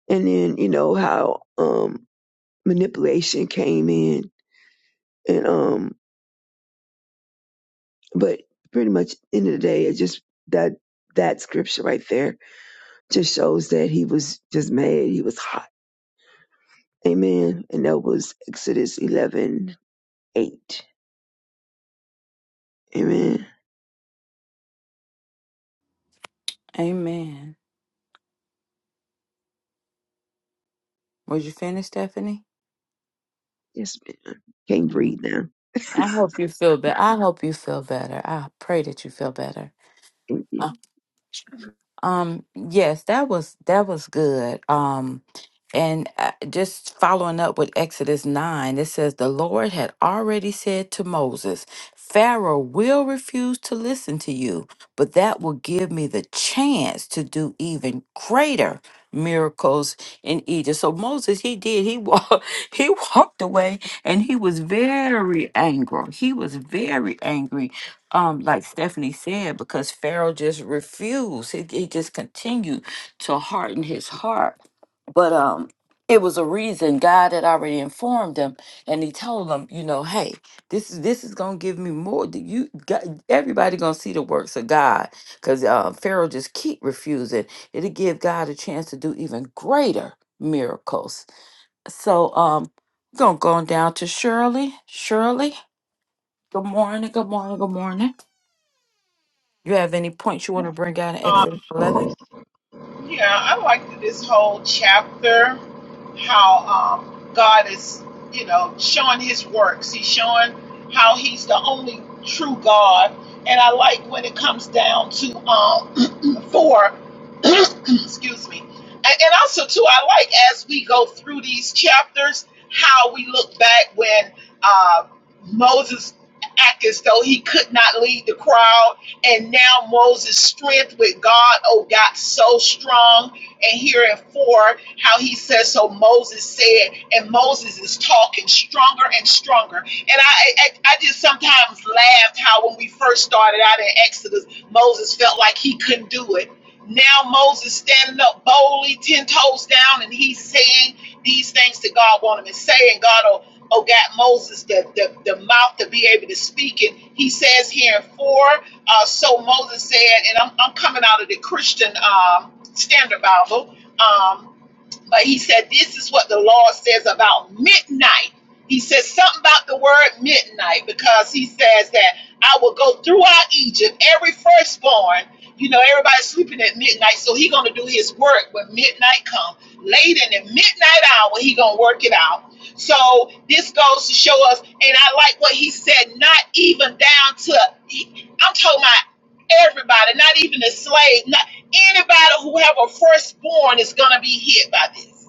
C: And then, you know, how um manipulation came in and um But pretty much end of the day, it just that that scripture right there just shows that he was just mad. He was hot. Amen. And that was Exodus eleven eight. Amen.
B: Amen. Was you finished, Stephanie?
C: Yes, ma'am. can't
B: Mhm.
C: breathe now.
B: I hope you feel better. I hope you feel better. I pray that you feel better. Um, yes, that was that was good. Um, and uh, just following up with Exodus 9, it says the Lord had already said to Moses, Pharaoh will refuse to listen to you, but that will give me the chance to do even greater miracles in Egypt. So Moses, he did. He walked [laughs] he walked away and he was very angry. He was very angry um, like Stephanie said, because Pharaoh just refused. He, he just continued to harden his heart. But um, it was a reason God had already informed him, and He told him, you know, hey, this is this is gonna give me more. than You, God, everybody gonna see the works of God, because uh, Pharaoh just keep refusing. It'll give God a chance to do even greater miracles. So um, we're gonna go on down to Shirley. Shirley, good morning. Good morning. Good morning. You have any points you want to bring out in
E: Um,
B: Exodus 11?
E: yeah, I like this whole chapter how um, God is, you know, showing his works. He's showing how he's the only true God. And I like when it comes down to um, [clears throat] 4 [clears throat] excuse me and, and also too i like as we go through these chapters how we look back when uh, moses acted as though he could not lead the crowd and now moses strength with god oh got so strong and here in four how he says so moses said and moses is talking stronger and stronger and i i, I just sometimes laughed how when we first started out in exodus moses felt like he couldn't do it now Moses standing up boldly, ten toes down, and he's saying these things that God wanted him to say, and God oh, oh got Moses the, the, the mouth to be able to speak And He says here in four, uh, so Moses said, and I'm, I'm coming out of the Christian um, Standard Bible. Um, but he said, This is what the Lord says about midnight. He says something about the word midnight because he says that I will go throughout Egypt, every firstborn. You know, everybody's sleeping at midnight, so he gonna do his work when midnight come. Late in the midnight hour, he gonna work it out. So this goes to show us, and I like what he said, not even down to I'm talking about everybody, not even the slave. Anybody who have a firstborn is going to be hit by this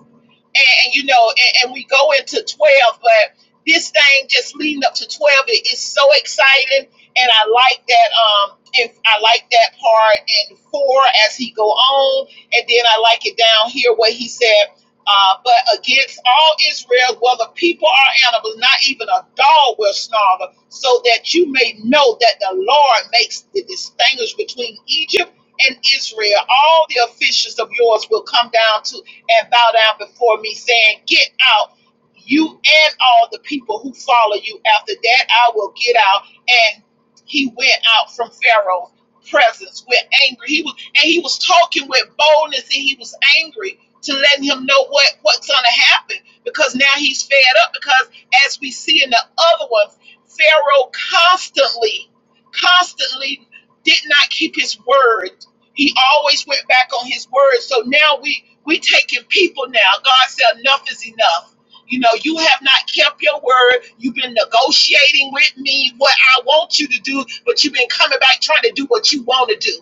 E: and, and, you know, and, and we go into 12, but this thing just leading up to 12 it is so exciting. And I like that. Um, if I like that part in four as he go on, and then I like it down here where he said, uh, "But against all Israel, whether people are animals, not even a dog will snarl, so that you may know that the Lord makes the distinguish between Egypt and Israel. All the officials of yours will come down to and bow down before me, saying, Get out, you and all the people who follow you. After that, I will get out. And he went out from Pharaoh's presence with anger. He was and he was talking with boldness and he was angry to letting him know what, what's gonna happen because now he's fed up because as we see in the other ones, Pharaoh constantly, constantly did not keep his word he always went back on his word. So now we we taking people now. God said enough is enough. You know, you have not kept your word. You've been negotiating with me what I want you to do, but you've been coming back trying to do what you want to do.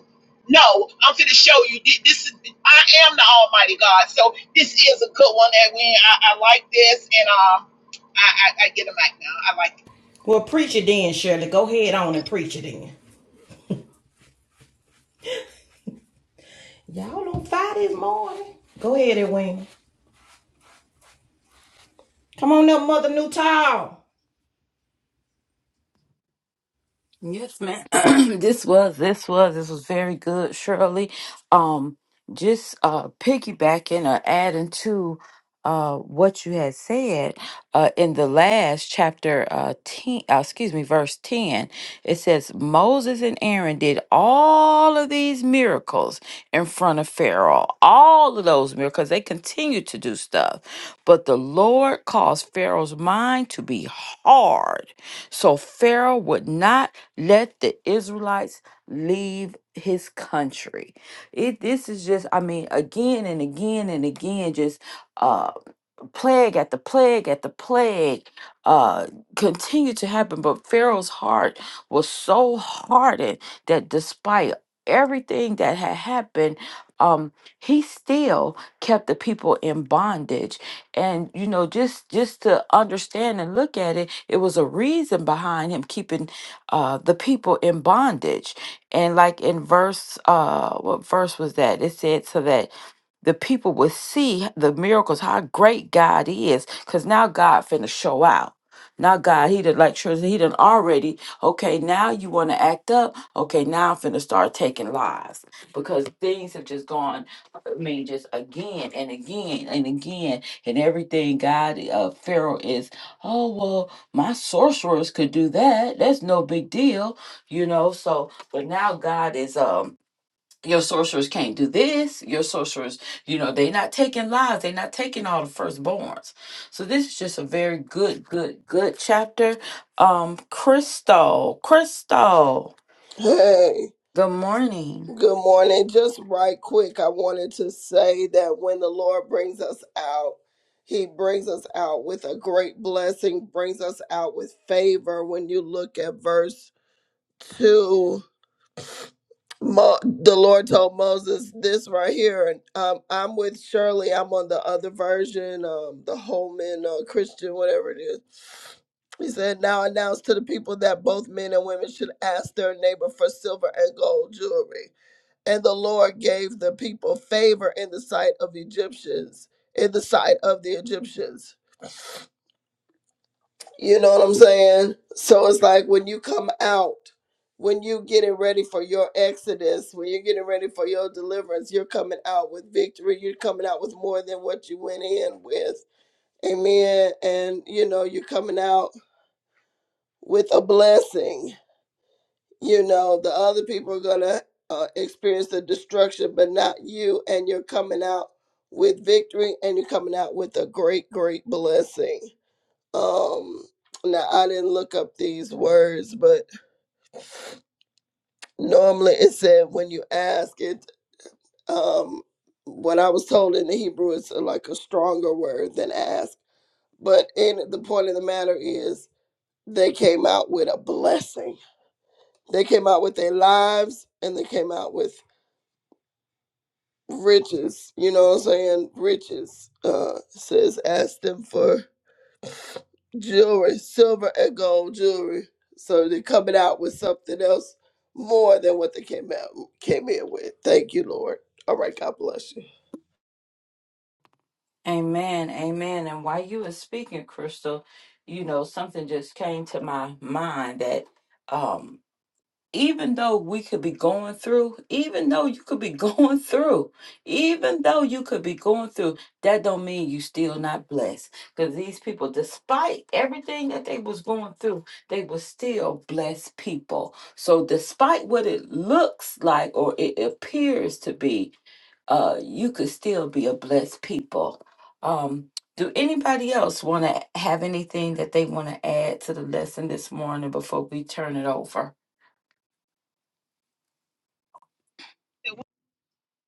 E: No, I'm going to show you. thi- This is I am the Almighty God. So this is a good one, Edwin. I, I like this, and um, I, I, I get a mic now. I like.
A: Well, preach it then, Shirley. Go ahead on and preach it in. Y'all on fire this morning. Go ahead, Edwin. Come on up, Mother Newtile.
B: Yes, ma'am. [clears throat] this was this was this was very good, Shirley. Um, just uh piggybacking or adding to uh what you had said uh in the last chapter uh 10 uh, excuse me verse 10 it says Moses and Aaron did all of these miracles in front of Pharaoh all of those miracles they continued to do stuff but the Lord caused Pharaoh's mind to be hard so Pharaoh would not let the Israelites leave his country. It this is just, I mean, again and again and again, just uh plague at the plague at the plague uh continued to happen but pharaoh's heart was so hardened that despite everything that had happened um he still kept the people in bondage and you know just just to understand and look at it it was a reason behind him keeping uh the people in bondage and like in verse uh what verse was that it said so that the people would see the miracles, how great God is, because now God finna show out. Now God, he did like Trisha, he done already, okay, now you wanna act up, okay, now I'm finna start taking lives. Because things have just gone, I mean, just again and again and again, and everything God, uh, Pharaoh is, oh, well, my sorcerers could do that, that's no big deal, you know, so, but now God is, um, your sorcerers can't do this your sorcerers you know they're not taking lives they're not taking all the firstborns so this is just a very good good good chapter um crystal crystal
F: Hey,
B: good morning
F: good morning. Just right quick, I wanted to say that when the Lord brings us out, He brings us out with a great blessing, brings us out with favor. When you look at verse 2, Mo- the Lord told Moses this right here, and um, I'm with Shirley. I'm on the other version, um, the Holman uh, Christian, whatever it is. He said, Now announce to the people that both men and women should ask their neighbor for silver and gold jewelry and the Lord gave the people favor in the sight of Egyptians, in the sight of the Egyptians. You know what I'm saying? So it's like when you come out, when you getting ready for your exodus, when you're getting ready for your deliverance, you're coming out with victory. You're coming out with more than what you went in with. Amen. And you know, you're coming out with a blessing you know the other people are going to uh, experience the destruction but not you and you're coming out with victory and you're coming out with a great great blessing um now i didn't look up these words but normally it said when you ask it um what i was told in the hebrew is uh, like a stronger word than ask but in the point of the matter is they came out with a blessing they came out with their lives and they came out with riches, you know what I'm saying? Riches. Uh says ask them for jewelry, silver and gold jewelry. So they're coming out with something else more than what they came out came in with. Thank you, Lord. All right, God bless you.
B: amen amen and while you were speaking crystal you know something just came to my mind that Um. even though we could be going through, even though you could be [laughs] going through, even though you could be going through, that don't mean you still not blessed. Because these people, despite everything that they was going through, they were still blessed people. So despite what it looks like or it appears to be, uh, you could still be a blessed people. Um, do anybody else want to have anything that they want to add to the lesson this morning before we turn it over?
E: It.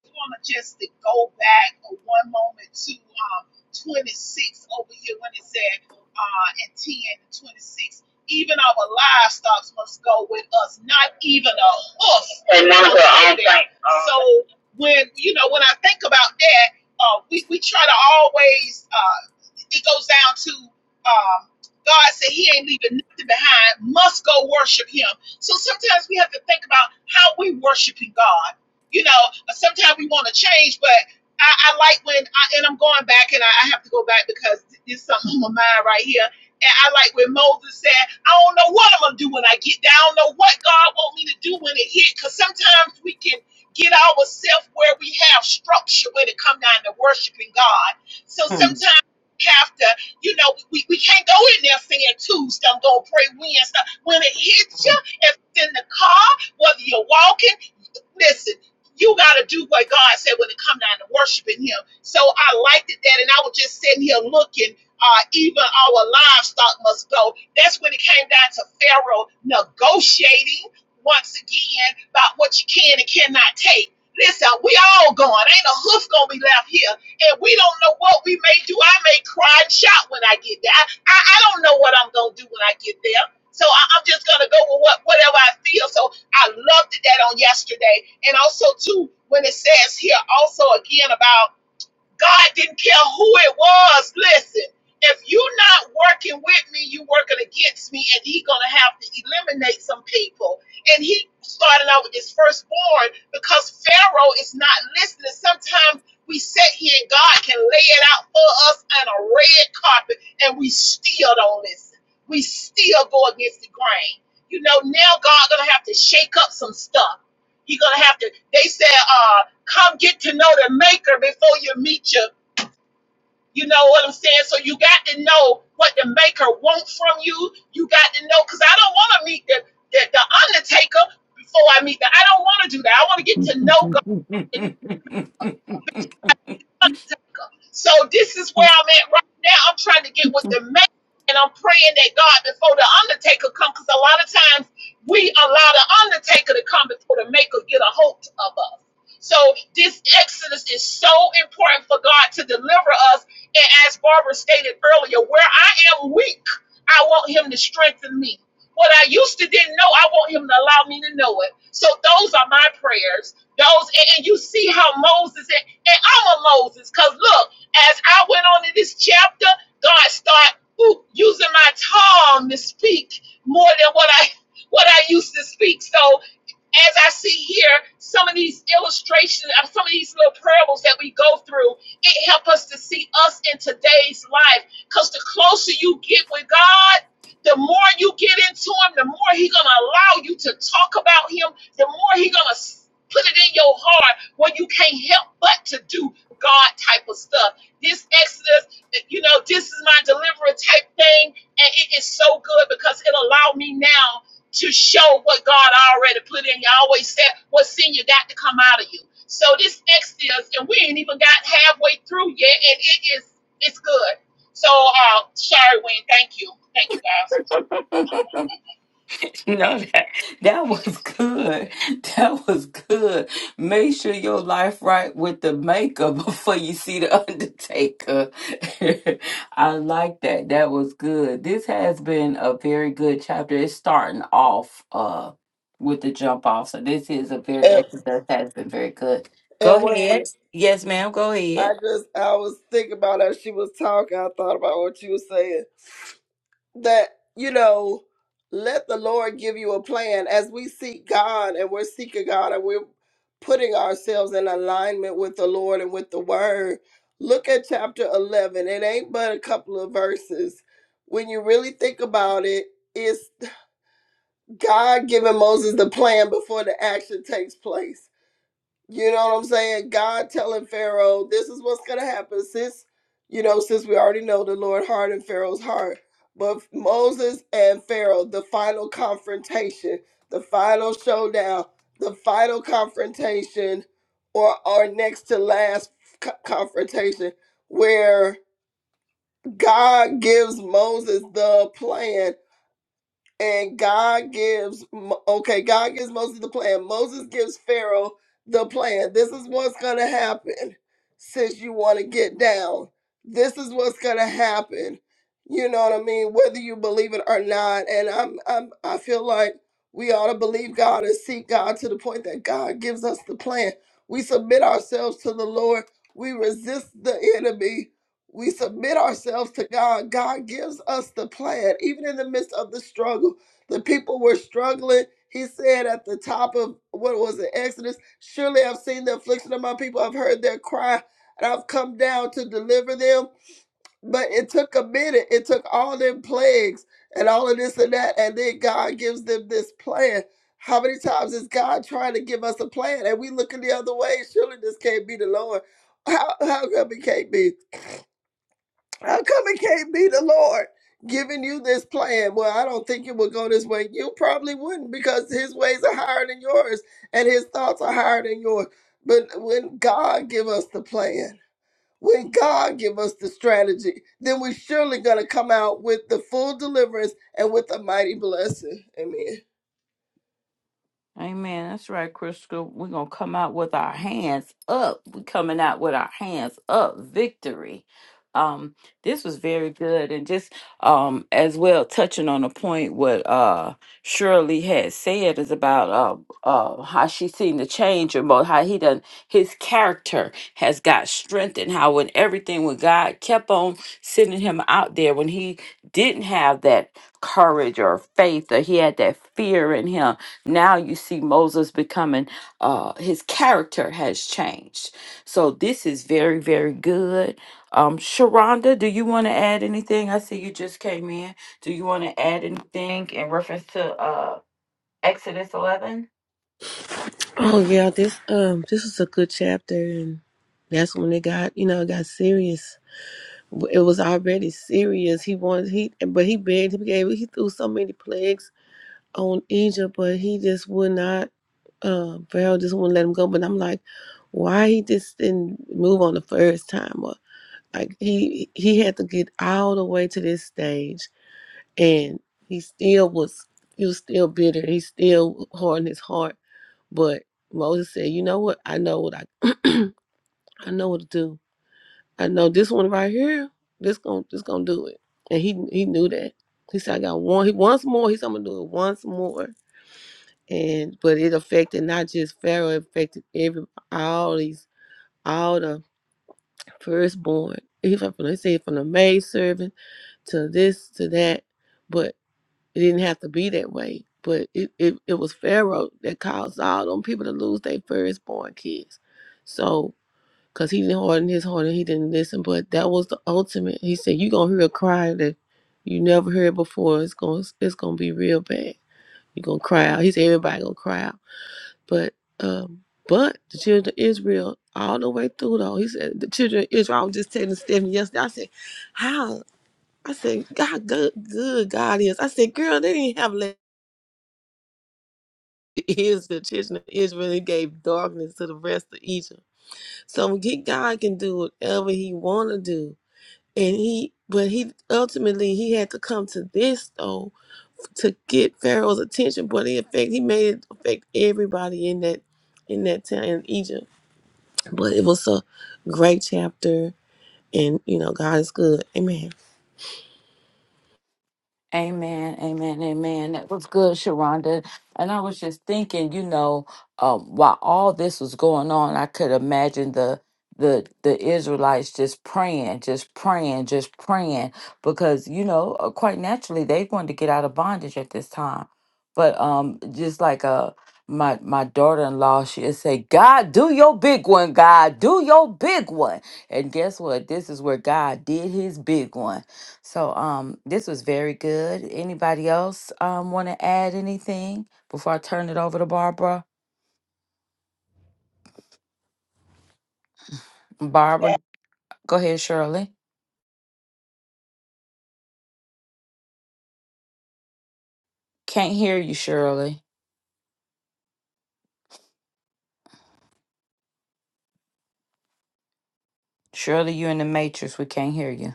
E: just want to just to go back for one moment to um, 26 over here when it said uh, and 10 and 26. Even our livestock must go with us, not even a hoof. And none of our own So when you know when I think about that, uh, we we try to always uh, it goes down to um, God said He ain't leaving nothing behind. Must go worship Him. So sometimes we have to think about how we worshiping God. You know, Sometimes we want to change, but I, I like when, I, and I'm going back and I, I have to go back because there's something on my mind right here. And I like when Moses said, I don't know what I'm going to do when I get there. I don't know what God wants me to do when it hit. Because sometimes we can get ourselves where we have structure when it come down to worshiping God. So
B: Hmm.
E: sometimes we have to, you know, we, we can't go in there saying Tuesday, I'm going to pray Wednesday. When it hits you, if it's in the car, whether you're walking, Listen, you gotta do what God said when it come down to worshiping Him. So I liked it that, and I was just sitting here looking. Uh, even our livestock must go. That's when it came down to Pharaoh negotiating once again about what you can and cannot take. Listen, we all going. Ain't a hoof gonna be left here, and we don't know what we may do. I may cry and shout when I get there. I, I, I don't know what I'm gonna do when I get there. So I, I'm just gonna go with what whatever I feel. So I loved that on yesterday. And also, too, when it says here also again about God didn't care who it was. Listen, if you're not working with me, you're working against me, and He's gonna have to eliminate some people. And he started out with his firstborn because Pharaoh is not listening. Sometimes we sit here and God can lay it out for us on a red carpet, and we still don't listen. We still go against the grain. You know, now God gonna have to shake up some stuff. He's gonna have to. They said, uh come get to know the maker before you meet you. You know what I'm saying? So you got to know what the maker wants from you. You got to know because I don't want to meet the, the the undertaker before I meet the. I don't want to do that. I want to get
B: no,
E: to know God. So this is where I'm at right now. I'm trying to get with the man, and I'm praying that God before the undertaker come, because a lot of times we allow the undertaker to come before the maker get a hold of us. So this Exodus is so important for God to deliver us. And as Barbara stated earlier, where I am weak, I want Him to strengthen me. What I used to didn't know, I want Him to allow me to know it. So those are my prayers. Those, and, and you see how Moses and, and I'm a Moses, cause look. As I went on in this chapter, God started ooh, using my tongue to speak more than what I what I used to speak. So as I see here, some of these illustrations, uh, some of these little parables that we go through, it helps us to see us in today's life. Because the closer you get with God, the more you get into Him, the more He's gonna allow you to talk about Him, the more He's gonna put it in your heart where you can't help but to do God type of stuff. This Exodus, eh, you know, this is my deliverer type thing, and it is so good because it allowed me now to show what God already put in you. I always said what's in you got to come out of you. So this next is, and we ain't even got halfway through yet, and it is it's good. So uh sorry, Wayne, thank you. Thank you guys.
B: that, that was good. That was good. Make sure your life right with the maker [laughs] before you see the undertaker. [laughs] I like that. That was good. This has been a very good chapter. It's starting off uh with the jump off. So this is a
F: And,
B: very that has been very good. Go
F: and
B: ahead.
F: Wayne,
B: Yes, ma'am. Go ahead.
F: I just I was thinking about how she was talking. I thought about what you were saying. that you know let the lord give you a plan as we seek god and we're seeking god and we're putting ourselves in alignment with the lord and with the word look at chapter 11 it ain't but a couple of verses when you really think about it it's god giving moses the plan before the action takes place you know what I'm saying? God telling Pharaoh, this is what's going to happen. Since, you know, since we already know the Lord hardened Pharaoh's heart. But Moses and Pharaoh, the final confrontation, the final showdown, the final confrontation, or, or next to last co- confrontation, where God gives Moses the plan and God gives Mo- okay, God gives Moses the plan. Moses gives Pharaoh the plan. This is what's going to happen since you want to get down. This is what's going to happen. You know what I mean? Whether you believe it or not, and I'm I'm I feel like we ought to believe God and seek God to the point that God gives us the plan. We submit ourselves to the Lord. We resist the enemy we submit ourselves to God, God gives us the plan, even in the midst of the struggle. The people were struggling. He said at the top of what was it, Exodus, surely I've seen the affliction of my people, I've heard their cry, and I've come down to deliver them. But it took a minute, it took all them plagues and all of this and that, and then God gives them this plan. How many times is God trying to give us a plan and we looking the other way? Surely this can't be the Lord. How, how come it can't be? How come it can't be the Lord giving you this plan? Well, I don't think it would go this way. You probably wouldn't because his ways are higher than yours and his thoughts are higher than yours. But when God give us the plan, when God give us the strategy, then we're surely going to come out with the full deliverance and with a mighty blessing. Amen.
B: Amen. That's right, Crystal. We're gonna come out with our hands up. We're coming out with our hands up. Victory. Um, this was very good, and just um as well touching on a point what uh Shirley had said is about uh uh how she's seen the change and about how he done his character has got strengthened. How when everything when God kept on sending him out there when he didn't have that courage or faith or he had that fear in him now you see Moses becoming, uh, his character has changed. So this is very, very good. Um, Sharonda, do you want to add anything? I see you just came in. Do you want to add anything in reference to uh, Exodus 11?
G: Oh yeah, this um this was a good chapter, and that's when it got you know it got serious. It was already serious. He wanted he, but he begged, he gave, he threw so many plagues on Egypt, but he just would not. Uh, Pharaoh just wouldn't let him go. But I'm like, why he just didn't move on the first time? Or like he he had to get all the way to this stage and he still was he was still bitter he still hard in his heart but moses said you know what i know what i i know what to do i know this one right here this going this gonna do it and he he knew that he said i got one he once more he said i'm gonna do it once more and but it affected not just pharaoh it affected every all these all the firstborn he from, he said from the maid servant to this to that But It didn't have to be that way, but it, it, it was Pharaoh that caused all them people to lose their firstborn kids. So, because he didn't harden his heart and he didn't listen, but that was the ultimate. He said, You're going to hear a cry that you never heard before. It's going to it's gonna be real bad. You're going to cry out. He said, Everybody going to cry out. But, um, but the children of Israel, all the way through though, he said, the children of Israel, I was just telling Stephanie yesterday, I said, how? I said, God, good, good God is. I said, girl, they didn't have [laughs] is the children of Israel and gave darkness to the rest of Egypt. So he, God can do whatever he wanna do. And he but he ultimately he had to come to this though to get Pharaoh's attention. But in effect he made it affect everybody in that in that town in Egypt. But it was a great chapter and you know God is good. Amen.
B: Amen, amen, amen. That was good, Sharonda. And I was just thinking, you know, um, while all this was going on, I could imagine the the the Israelites just praying, just praying, just praying, because you know, uh, quite naturally, they wanted to get out of bondage at this time. But um, just like uh, my my daughter in law, she'd say, "God, do your big one, God, do your big one." And guess what? This is where God did His big one so um this was very good. Anybody else um want to add anything before I turn it over to Barbara? Barbara, go ahead, Shirley. Can't hear you, Shirley. Shirley, you in the matrix. We can't hear you.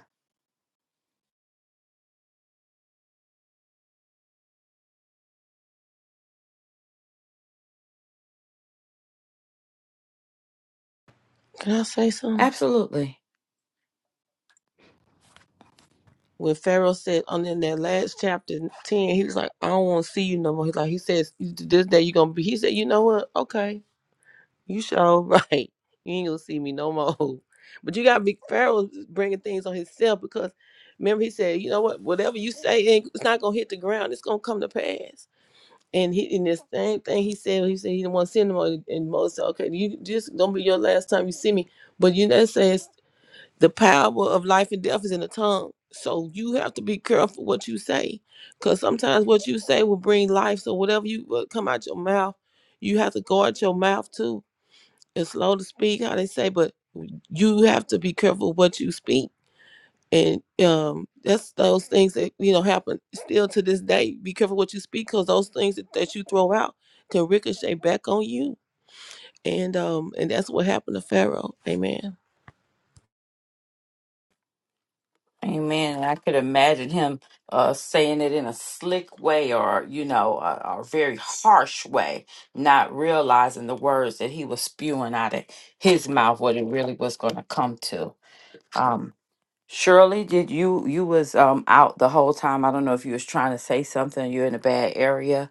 G: Can I say something?
B: Absolutely.
G: when Pharaoh said on in that last chapter ten, he was like, I don't want to see you no more. He's like, he says, this day you're gonna be. He said, you know what? Okay, you sure [laughs] right. You ain't gonna see me no more. [laughs] But you gotta be Pharaoh bringing things on himself because remember he said, you know what? Whatever you say, ain't- it's not gonna hit the ground. It's gonna come to pass. And he in this same thing he said, he said he didn't want to see him no more. And Moses said, okay, you just gonna be your last time you see me. But you know, that says the power of life and death is in the tongue. So you have to be careful what you say, because sometimes what you say will bring life. So whatever you what come out your mouth, you have to guard your mouth too. It's slow to speak, how they say, but you have to be careful what you speak. And um, that's those things that you know happen still to this day. Be careful what you speak, because those things that, that you throw out can ricochet back on you. And um, and that's what happened to Pharaoh. Amen
B: Amen. And I could imagine him uh, saying it in a slick way or, you know, a, a very harsh way, not realizing the words that he was spewing out of his mouth, what it really was going to come to. um. Shirley, did you you was um out the whole time? I don't know if you was trying to say something. You're in a bad area.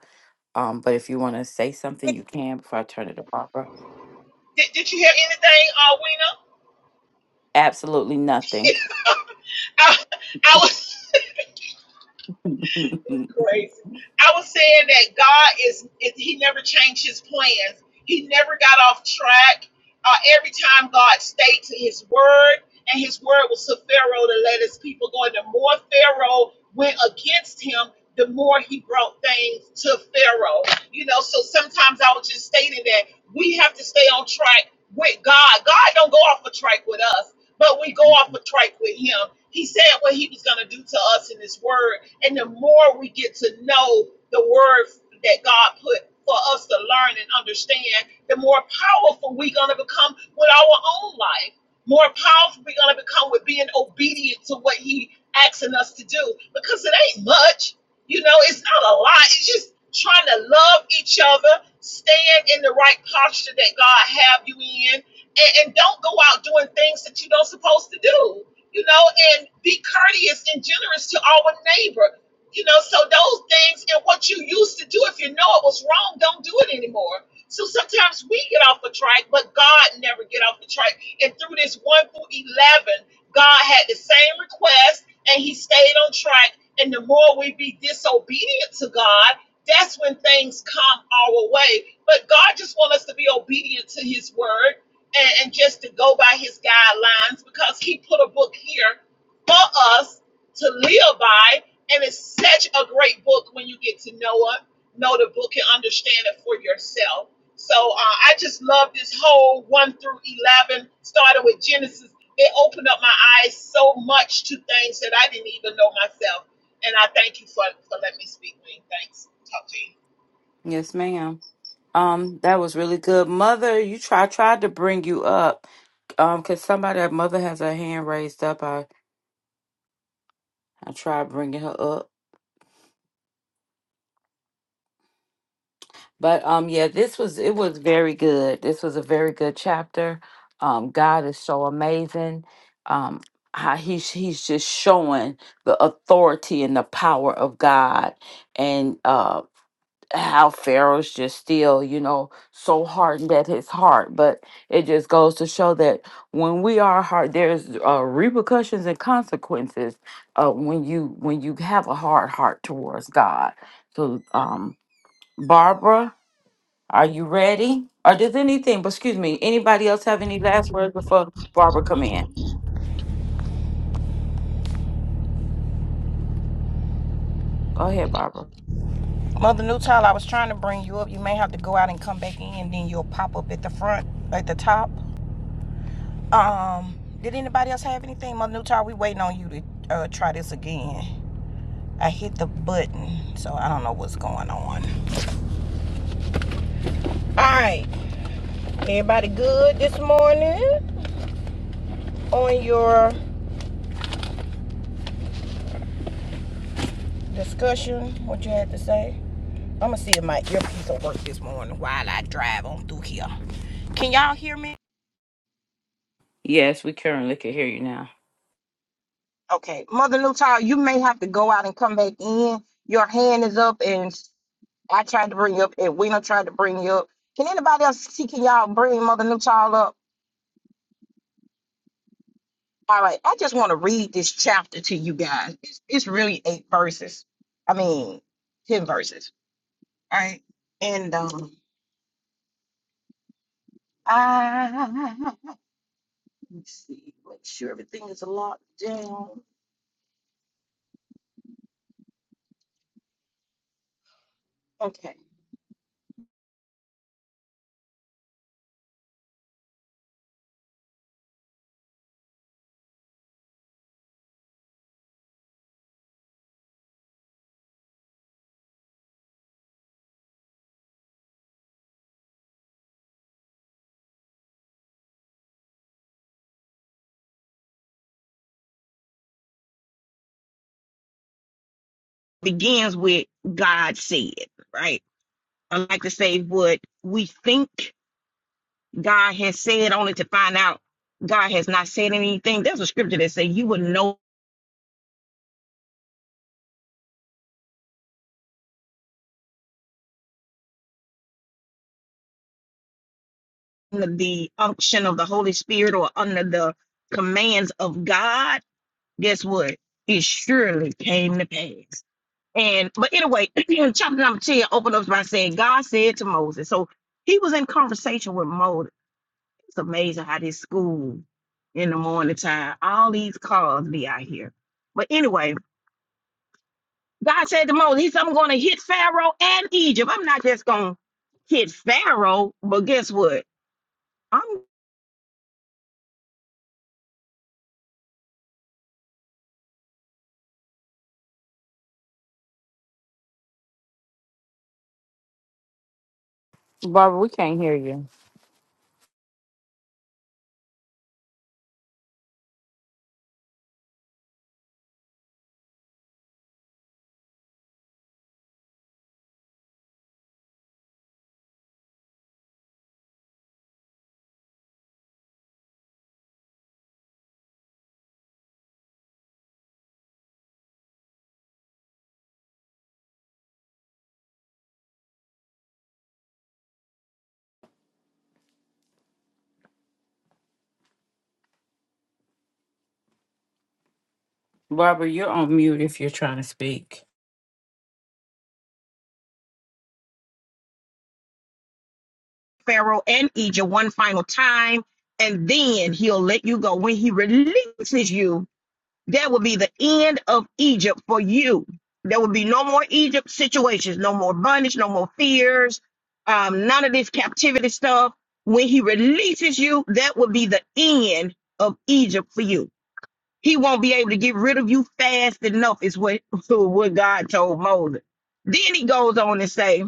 B: Um, but if you want to say something, you can before I turn it to Barbara.
E: Did, did you hear anything, uh
B: Absolutely nothing.
E: Wina? [laughs] I, I was It's
B: [laughs]
E: crazy. I was saying that God is, is he never changed his plans. He never got off track. Uh, every time God stayed to his word, and his word was to Pharaoh to let his people go. And the more Pharaoh went against him, the more he brought things to Pharaoh. You know, so sometimes I was just stating that we have to stay on track with God. God don't go off a track with us, but we go off a track with him. He said what he was going to do to us in his word and the more we get to know the word that God put for us to learn and understand, the more powerful we're going to become with our own life. More powerful we're going to become with being obedient to what He asking us to do because it ain't much. You know, it's not a lot. It's just trying to love each other, stand in the right posture that God have you in, and, and don't go out doing things that you don't supposed to do you know, and be courteous and generous to our neighbor. You know, so those things and what you used to do, if you know it was wrong, don't do it anymore. So sometimes we get off the track, but God never get off the track. And through this one through eleven, God had the same request, and He stayed on track. And the more we be disobedient to God, that's when things come our way. But God just wants us to be obedient to His word and, and just to go by his guidelines because he put a book here for us to live by. And it's such a great book when you get to know it, know the book, and understand it for yourself. So uh, I just love this whole 1 through 11, starting with Genesis. It opened up my eyes so much to things that I didn't even know myself. And I thank you for, for letting me speak, Wayne. Thanks. Talk to you.
B: yes, ma'am. Um, that was really good, Mother. You try I tried to bring you up. Um, cause somebody, mother has her hand raised up. I I tried bringing her up. But um yeah, this was it was very good. This was a very good chapter. Um God is so amazing. Um how he's he's just showing the authority and the power of God and uh how Pharaoh's just still, you know, so hardened at his heart. But it just goes to show that when we are hard, there's uh, repercussions and consequences uh, when you when you have a hard heart towards God. So, um, Barbara, are you ready? Or does anything, but excuse me, anybody else have any last words before Barbara come in? Go ahead, Barbara.
A: Mother Newtile, I was trying to bring you up. You may have to go out and come back in, then you'll pop up at the front, at the top. Um, did anybody else have anything? Mother Newtall, we waiting on you to uh, try this again. I hit the button, so I don't know what's going on. All right, everybody good this morning on your discussion? What you had to say? I'm gonna see if my earpiece will work this morning while I drive on through here. Can y'all hear me?
B: Yes, we currently can hear you now.
A: Okay, Mother Newtile, you may have to go out and come back in. Your hand is up, and I tried to bring you up, and Weena tried to bring you up. Can anybody else see? Can y'all bring Mother Newtile up? All right, I just want to read this chapter to you guys. It's, it's really eight verses. I mean, ten verses. All right, and um, I let me see, make sure everything is locked down. Okay, begins with God said. Right, I like to say what we think God has said, only to find out God has not said anything. There's a scripture that say you would know under the unction of the Holy Spirit or under the commands of God. Guess what? It surely came to pass. And but anyway, [clears throat] chapter number 10 opened up by saying, God said to Moses. So he was in conversation with Moses. It's amazing how this school in the morning time, all these cars be out here. But anyway, God said to Moses, I'm going to hit Pharaoh and Egypt. I'm not just going to hit Pharaoh, but guess what? I'm
B: Barbara, we can't hear you. Barbara, you're on mute if you're trying to speak.
A: Pharaoh and Egypt one final time, and then he'll let you go. When he releases you, that will be the end of Egypt for you. There will be no more Egypt situations, no more bondage, no more fears, um, none of this captivity stuff. When he releases you, that will be the end of Egypt for you. He won't be able to get rid of you fast enough, is what, [laughs] what God told Moses. Then he goes on and say,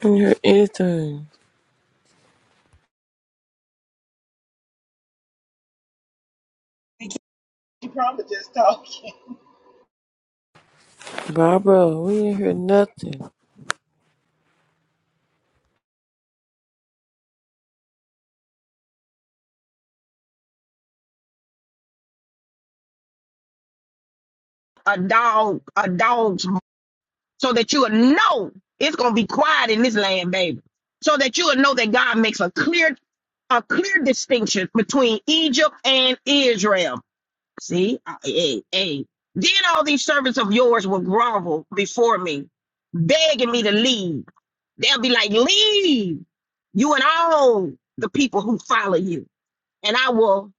G: did hear anything.
E: You probably just talk.
G: Barbara, we didn't hear nothing.
A: a dog, a dog's, so that you'll know it's gonna be quiet in this land, baby. So that you'll know that God makes a clear, a clear distinction between Egypt and Israel See, I- hey, hey. Then all these servants of yours will grovel before me, begging me to leave. They'll be like, leave you and all the people who follow you. And I will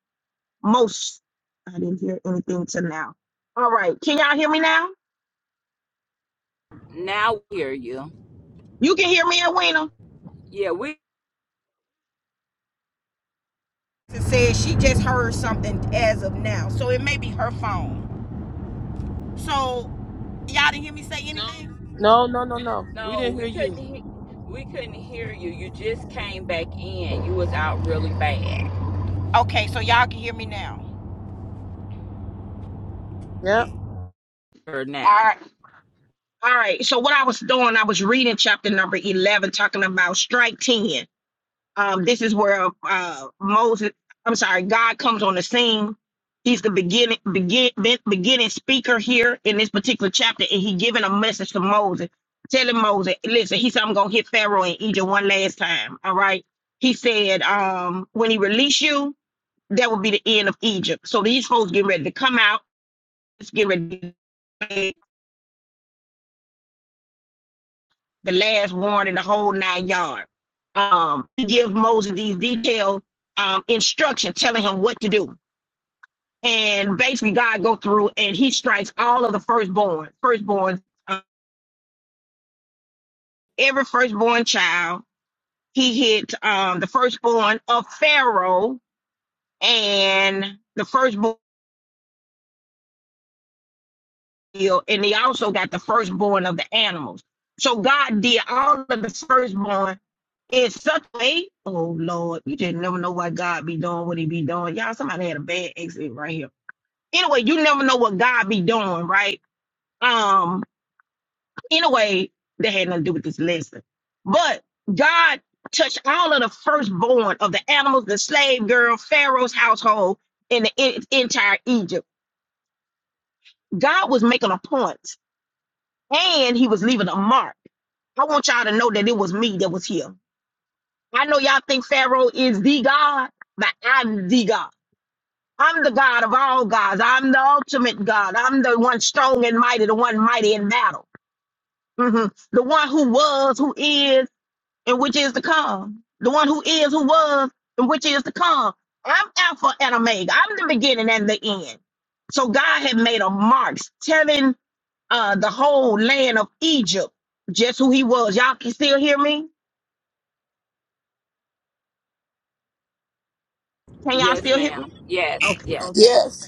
A: most, I didn't hear anything till now. All right. Can y'all hear me now?
B: Now we hear you.
A: You can hear me, Edwina.
B: Yeah, we
A: So,
G: No, no, no, no. We
B: no,
G: didn't hear
B: we couldn't
G: you.
B: he- we couldn't hear you. You just came back in. You was out really bad.
A: okay. So y'all can.
G: Yep.
B: Or
A: All
B: now.
A: right. All right. So what I was doing, I was reading chapter number 11, talking about strike 10. um, this is where uh, Moses, I'm sorry, God comes on the scene. He's the beginning, begin, be- beginning speaker here in this particular chapter, and he giving a message to Moses, telling Moses, "Listen, he said I'm gonna hit Pharaoh in Egypt one last time. All right." He said, um, "When he release you, that will be the end of Egypt." So these folks get ready to come out. Let's get ready. to- The last warning, the whole nine yard. Um, he gives Moses these detailed um, instructions, telling him what to do and basically God go through and he strikes all of the firstborn, firstborn, uh, every firstborn child. He hit um, the firstborn of Pharaoh and the firstborn, and he also got the firstborn of the animals. So God did all of the firstborn in such a way. Oh Lord, you just never know what God be doing, what he be doing. Y'all, somebody had a bad exit right here. Anyway, you never know what God be doing, right? Um, Anyway, that had nothing to do with this lesson. But God touched all of the firstborn of the animals, the slave girl, Pharaoh's household, and the en- entire Egypt. God was making a point and he was leaving a mark. I want y'all to know that it was me that was here. I know y'all think Pharaoh is the God, but I'm the God. I'm the God of all gods. I'm the ultimate God. I'm the one strong and mighty, the one mighty in battle. Mhm. The one who was, who is. and which is to come. The one who is, who was, and which is to come. I'm Alpha and Omega. I'm the beginning and the end. So God had made a mark telling uh, the whole land of Egypt just who he was. Y'all can still hear me? Can y'all
B: Yes,
A: still hear me?
B: ma'am. Yes,
A: Okay,
B: yes.
A: okay.
F: Yes.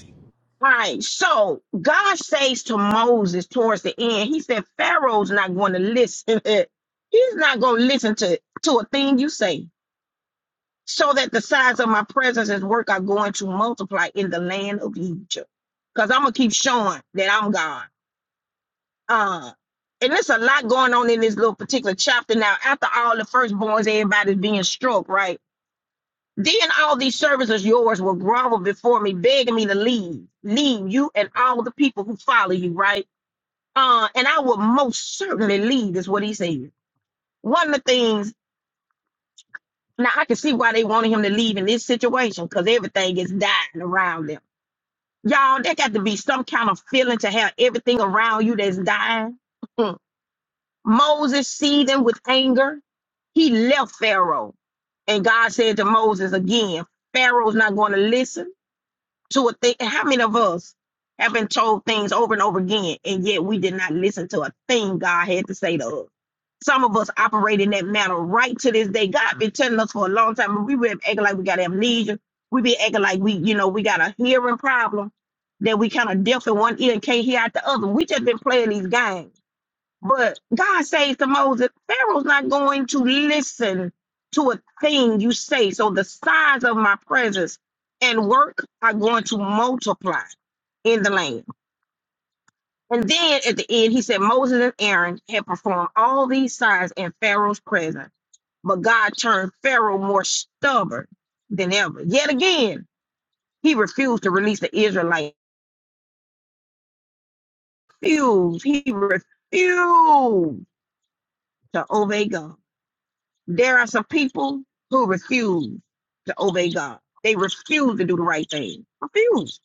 A: All right. So God says to Moses towards the end, he said, Pharaoh's not going to listen. [laughs] He's not going to listen to, to a thing you say. so that the size of my presence and work are going to multiply in the land of Egypt. Because I'm gonna keep showing that I'm God. Uh, and there's a lot going on in this little particular chapter now. After all the firstborns, everybody's being struck, right? Then all these servants of yours will grovel before me, begging me to leave, leave you and all the people who follow you, right? Uh, and I will most certainly leave, is what he said. One of the things now I can see why they wanted him to leave in this situation, because everything is dying around them Y'all, there got to be some kind of feeling to have everything around you that's dying. Mm. Moses seething with anger. He left Pharaoh. And God said to Moses again, Pharaoh's not going to listen to a thing. How many of us have been told things over and over again, and yet we did not listen to a thing God had to say to us? Some of us operate in that manner right to this day. God been telling us for a long time, but we been acting like we got amnesia. We been acting like we, you know, we got a hearing problem that we kind of deaf in one ear and can't hear out the other. We just been playing these games. But God says to Moses, Pharaoh's not going to listen to a thing you say. So the size of my presence and work are going to multiply in the land. And then at the end, he said, Moses and Aaron had performed all these signs in Pharaoh's presence. But God turned Pharaoh more stubborn than ever. Yet again, he refused to release the Israelites. Refused. He refused to obey God. There are some people who refuse to obey God. They refuse to do the right thing. Refuse.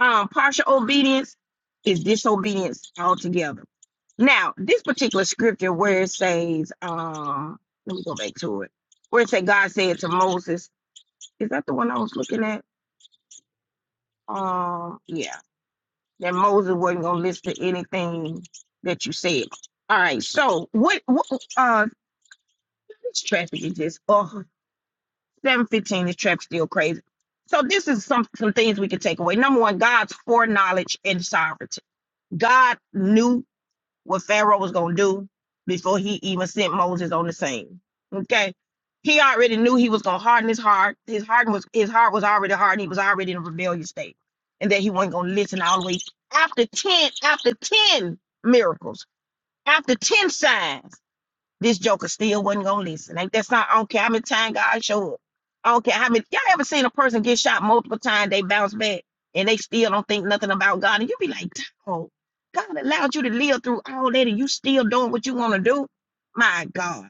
A: Um, partial obedience is disobedience altogether. Now, this particular scripture where it says, um, let me go back to it. Where it says God said to Moses, is that the one I was looking at? Um, yeah, that Moses wasn't gonna listen to anything that you said. All right, so what, what uh this traffic is just oh Seven fifteen, this trap still crazy. So this is some some things we can take away. Number one, God's foreknowledge and sovereignty. God knew what Pharaoh was gonna do before he even sent Moses on the scene. Okay. He already knew he was gonna harden his heart. His heart was his heart was already hardened. He was already in a rebellious state. And that he wasn't gonna listen all the way after 10, after 10 miracles, after 10 signs. This joker still wasn't gonna listen. Ain't that's not I don't care how many times God show up. I don't care how many y'all ever seen a person get shot multiple times, they bounce back and they still don't think nothing about God. And you be like, oh, God allowed you to live through all that and you still doing what you want to do. My God.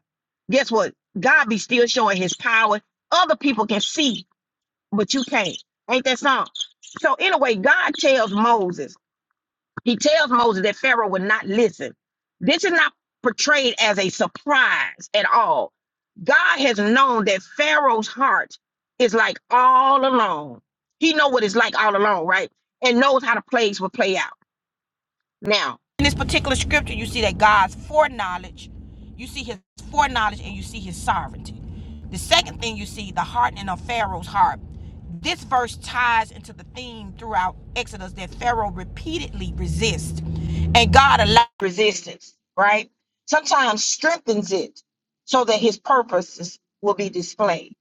A: Guess what? God be still showing his power. Other people can see, but you can't. Ain't that something? So anyway, God tells Moses, he tells Moses that Pharaoh would not listen. This is not portrayed as a surprise at all. God has known that Pharaoh's heart is like all along. He know what it's like all along, right? And knows how the plagues will play out. Now, in this particular scripture, you see that God's foreknowledge, you see his foreknowledge, and you see his sovereignty. The second thing you see, the hardening of Pharaoh's heart. This verse ties into the theme throughout Exodus that Pharaoh repeatedly resists, and God allows resistance, right? Sometimes strengthens it so that his purposes will be displayed.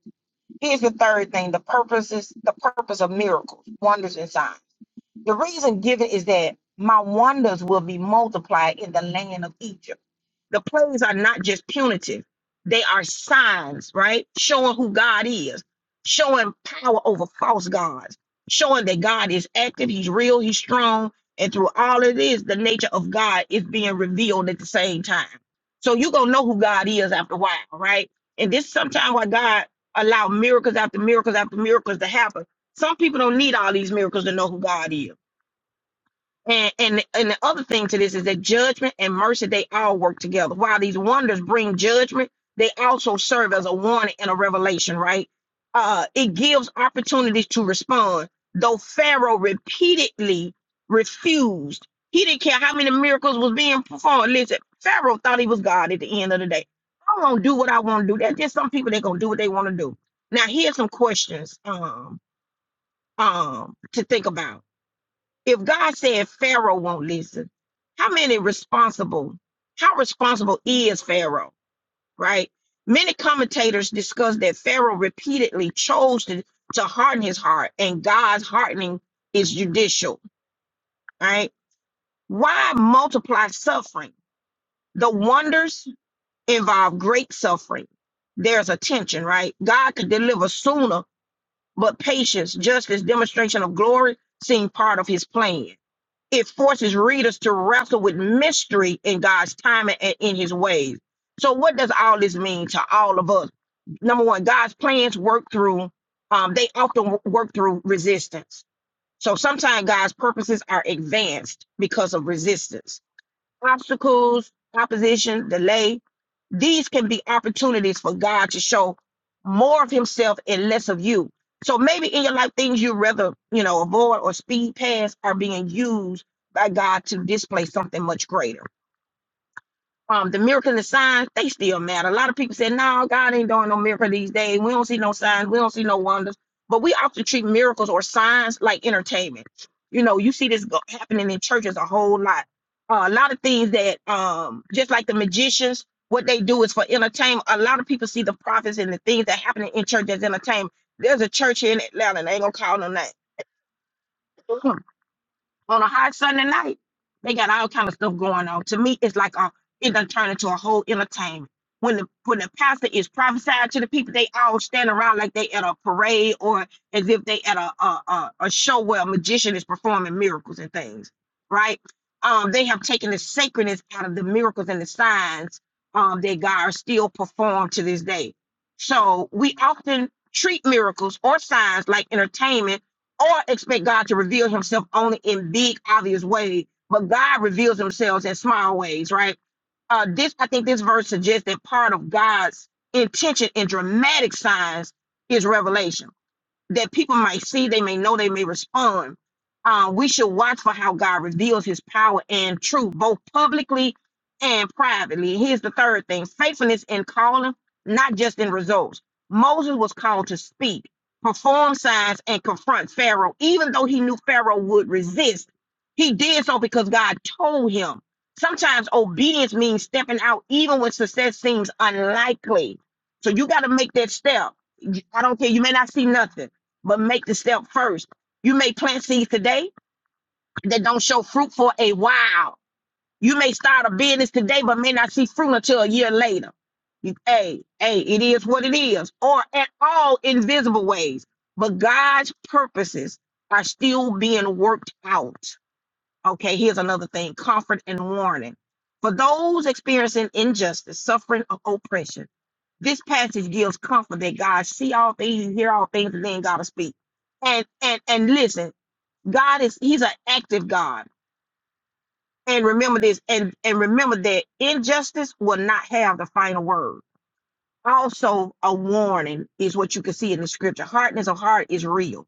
A: Here's the third thing the purposes, the purpose of miracles, wonders, and signs. The reason given is that my wonders will be multiplied in the land of Egypt. The plagues are not just punitive, they are signs, right? Showing who God is, showing power over false gods, showing that God is active, He's real, He's strong. And through all of this, the nature of God is being revealed at the same time. So you're going to know who God is after a while, right? And this is sometimes why God allowed miracles after miracles after miracles to happen. Some people don't need all these miracles to know who God is. And, and and the other thing to this is that judgment and mercy they all work together. While these wonders bring judgment, they also serve as a warning and a revelation. Right? Uh, it gives opportunities to respond. Though Pharaoh repeatedly refused, he didn't care how many miracles was being performed. Listen, Pharaoh thought he was God at the end of the day. I'm gonna do what I want to do. That's just some people they're gonna do what they want to do. Now here's some questions um um to think about if God said Pharaoh won't listen, how many responsible, how responsible is Pharaoh, right? Many commentators discuss that Pharaoh repeatedly chose to, to harden his heart, and God's hardening is judicial, right? Why multiply suffering? The wonders involve great suffering. There's a tension, right? God could deliver sooner, but patience, justice, demonstration of glory seem part of his plan it forces readers to wrestle with mystery in God's timing and in his ways. So, what does all this mean to all of us? Number one, God's plans work through, um, they often w- work through resistance. So, sometimes God's purposes are advanced because of resistance obstacles, opposition, delay. These can be opportunities for God to show more of Himself and less of you. So maybe in your life, things you rather you know avoid or speed past are being used by God to display something much greater um, the miracle and the signs, they still matter. A lot of people say, no, God ain't doing no miracle these days. We don't see no signs. We don't see no wonders. But we often treat miracles or signs like entertainment. You know, you see this go- happening in churches a whole lot. Uh, a lot of things that, um, just like the magicians, what they do is for entertainment. A lot of people see the prophets and the things that happen in church as entertainment. There's a church here in Atlanta, and I ain't gonna call no name on a hot Sunday night. They got all kind of stuff going on. To me, it's like a it done turned into a whole entertainment. When the when the pastor is prophesying to the people, they all stand around like they at a parade or as if they at a a, a, a show where a magician is performing miracles and things, right? Um, they have taken the sacredness out of the miracles and the signs um, that God still performed to this day. So we often treat miracles or signs like entertainment or expect God to reveal himself only in big, obvious ways, but God reveals himself in small ways, right? Uh, this I think this verse suggests that part of God's intention in dramatic signs is revelation that people might see, they may know, they may respond. Uh, we should watch for how God reveals his power and truth, both publicly and privately. Here's the third thing faithfulness in calling, not just in results. Moses was called to speak, perform signs, and confront Pharaoh. Even though he knew Pharaoh would resist, he did so because God told him. Sometimes obedience means stepping out, even when success seems unlikely. So you got to make that step. I don't care. You may not see nothing but make the step first. You may plant seeds today that don't show fruit for a while. You may start a business today, but may not see fruit until a year later. You, hey, hey, it is what it is, or at all invisible ways. But God's purposes are still being worked out. Okay, here's another thing comfort and warning. For those experiencing injustice, suffering, or oppression, this passage gives comfort that God see all things, He hear all things, and then gotta speak. And and and listen, God is He's an active God. And remember this, and, and remember that injustice will not have the final word. Also, a warning is what you can see in the scripture. Hardness of heart is real,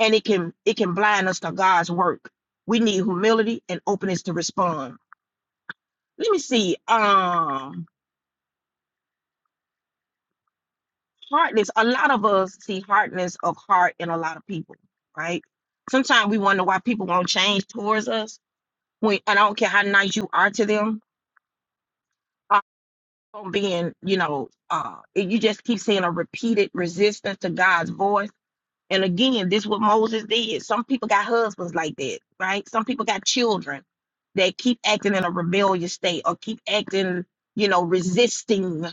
A: and it can it can blind us to God's work. We need humility and openness to respond. Let me see. Um, hardness a lot of us see hardness of heart in a lot of people right sometimes we wonder why people won't change towards us when and i don't care how nice you are to them uh, being you know uh you just keep seeing a repeated resistance to god's voice and again, this is what Moses did. Some people got husbands like that, right? Some people got children that keep acting in a rebellious state or keep acting, you know, resisting,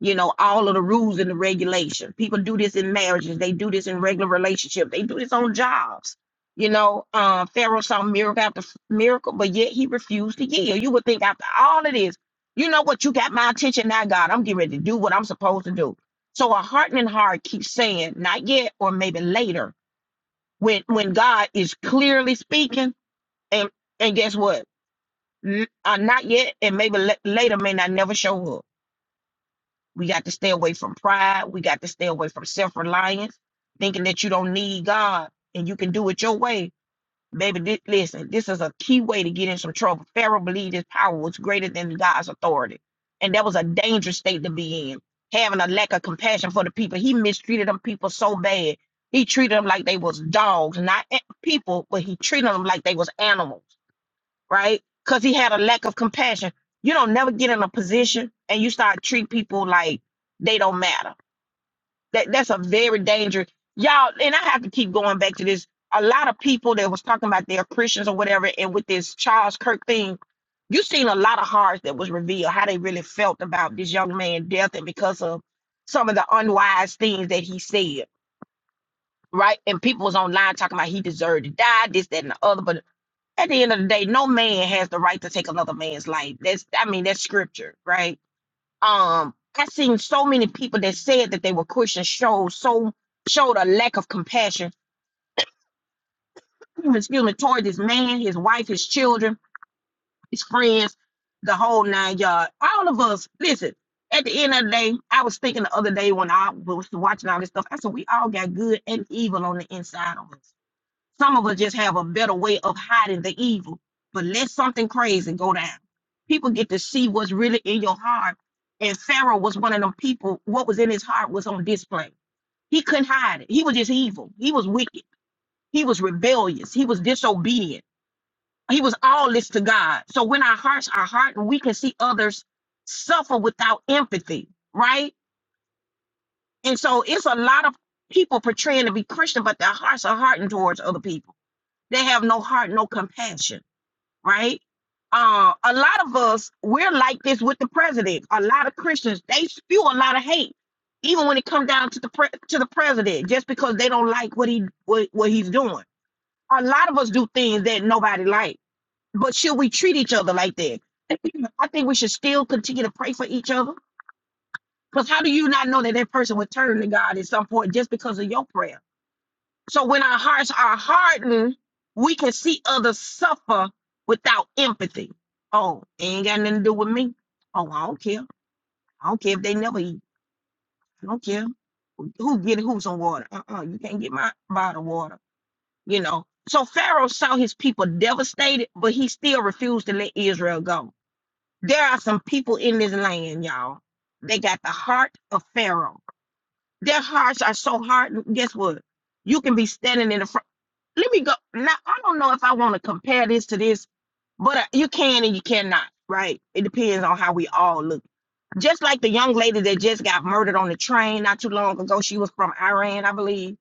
A: you know, all of the rules and the regulation. People do this in marriages. They do this in regular relationships. They do this on jobs. You know, um, Pharaoh saw miracle after f- miracle, but yet he refused to yield. You would think after all of this, you know what? You got my attention now, God. I'm getting ready to do what I'm supposed to do. So a hardening heart keeps saying, not yet, or maybe later, when when God is clearly speaking, and and guess what? N- uh, not yet, and maybe la- later may not never show up. We got to stay away from pride. We got to stay away from self reliance, thinking that you don't need God and you can do it your way Baby, thi- listen, this is a key way to get in some trouble. Pharaoh believed his power was greater than God's authority. And that was a dangerous state to be in. Having a lack of compassion for the people. He mistreated them people so bad. He treated them like they was dogs, not a- people, but he treated them like they was animals, right? Because he had a lack of compassion. You don't never get in a position and you start treat people like they don't matter that that's a very dangerous y'all. And I have to keep going back to this. A lot of people that was talking about they're Christians or whatever, and with this Charles Kirk thing, you seen a lot of hearts that was revealed how they really felt about this young man's death and because of some of the unwise things that he said, right? And people was online talking about he deserved to die, this, that, and the other. But at the end of the day, no man has the right to take another man's life. That's I mean, that's scripture, right? um I seen so many people that said that they were Christian showed so showed a lack of compassion, [clears throat] excuse me, toward this man, his wife, his children, his friends, the whole nine yards. All of us, listen, at the end of the day, I was thinking the other day when I was watching all this stuff, I said we all got good and evil on the inside of us. Some of us just have a better way of hiding the evil. But let something crazy go down. People get to see what's really in your heart. And Pharaoh was one of them people. What was in his heart was on display. He couldn't hide it. He was just evil. He was wicked. He was rebellious. He was disobedient. He was all this to God. So when our hearts are hardened, we can see others suffer without empathy, right? And so it's a lot of people portraying to be Christian, but their hearts are hardened towards other people. They have no heart, no compassion right? Uh, a lot of us, we're like this with the president. A lot of Christians, they spew a lot of hate, even when it comes down to the pre- to the president, just because they don't like what he what, what he's doing. A lot of us do things that nobody like, but should we treat each other like that? [clears throat] I think we should still continue to pray for each other. Because how do you not know that that person would turn to God at some point just because of your prayer? So when our hearts are hardened, we can see others suffer without empathy. Oh, it ain't got nothing to do with me. Oh, I don't care. I don't care if they never eat. I don't care. Who who get who's on water? Uh-uh, you can't get my bottle water. You know. So Pharaoh saw his people devastated, but he still refused to let Israel go. There are some people in this land, y'all. They got the heart of Pharaoh. Their hearts are so hardened. Guess what? You can be standing in the front let me go. Now I don't know if I want to compare this to this, but uh, you can and you cannot, right? It depends on how we all look. Just like the young lady that just got murdered on the train not too long ago, she was from Iran, I believe.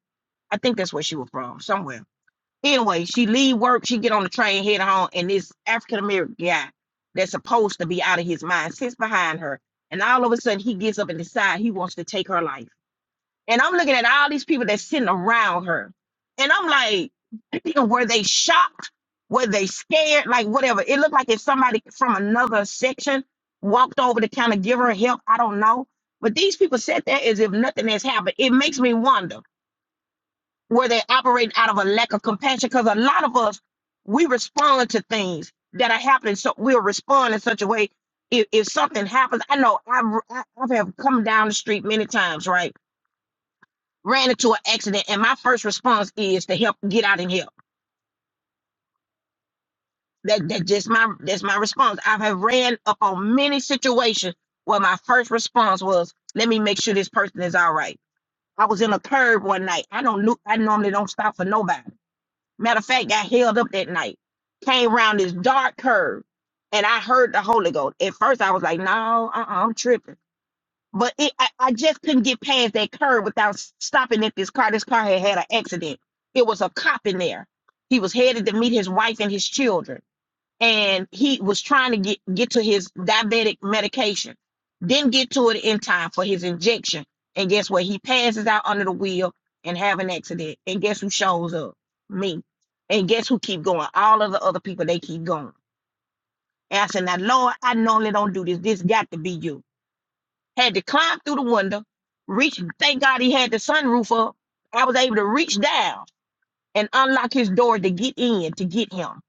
A: I think that's where she was from, somewhere. Anyway, she leave work, she get on the train head home, and this African American guy that's supposed to be out of his mind sits behind her, and all of a sudden he gets up and decides he wants to take her life and I'm looking at all these people that's sitting around her. And I'm like, [clears throat] were they shocked? Were they scared? Like whatever. It looked like if somebody from another section walked over to kind of give her help. I don't know. But these people sat there as if nothing has happened. It makes me wonder, were they operating out of a lack of compassion? Because a lot of us, we respond to things that are happening. So we'll respond in such a way. If, if something happens, I know I've, I- I've have come down the street many times, right? ran into an accident and my first response is to help get out and help. That that just my that's my response. I have ran up on many situations where my first response was, let me make sure this person is all right. I was in a curb one night. I don't look I normally don't stop for nobody. Matter of fact, got held up that night. Came around this dark curve and I heard the Holy Ghost. At first I was like, no, uh-uh, I'm tripping. But it, I, I just couldn't get past that curb without s- stopping at this car. This car had had an accident. It was a cop in there. He was headed to meet his wife and his children, and he was trying to get get to his diabetic medication. Didn't get to it in time for his injection, and guess what? He passes out under the wheel and have an accident. And guess who shows up? Me. And guess who keep going? All of the other people they keep going. And I said, now Lord, I normally don't do this. This got to be you had to climb through the window, reach. Thank God he had the sunroof up. I was able to reach down and unlock his door to get in to get him.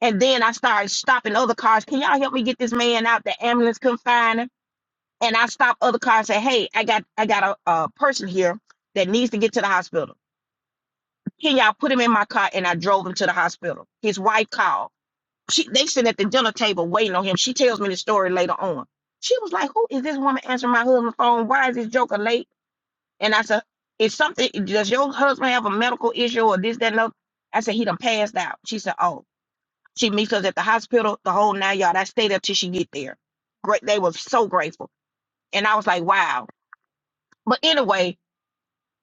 A: And then I started stopping other cars. Can y'all help me get this man out? The ambulance couldn't find him. And I stopped other cars. and Said, hey, I got I got a, a person here that needs to get to the hospital. Can y'all put him in my car? And I drove him to the hospital. His wife called. She they sitting at the dinner table waiting on him. She tells me the story later on. She was like, "Who is this woman answering my husband's phone? Why is this joker late?" And I said, is something, does your husband have a medical issue or this, that, and other? I said, he done passed out. She said, oh. She meets us at the hospital, the whole nine yard. I stayed up till she get there. Great. They were so grateful. And I was like, wow. But anyway,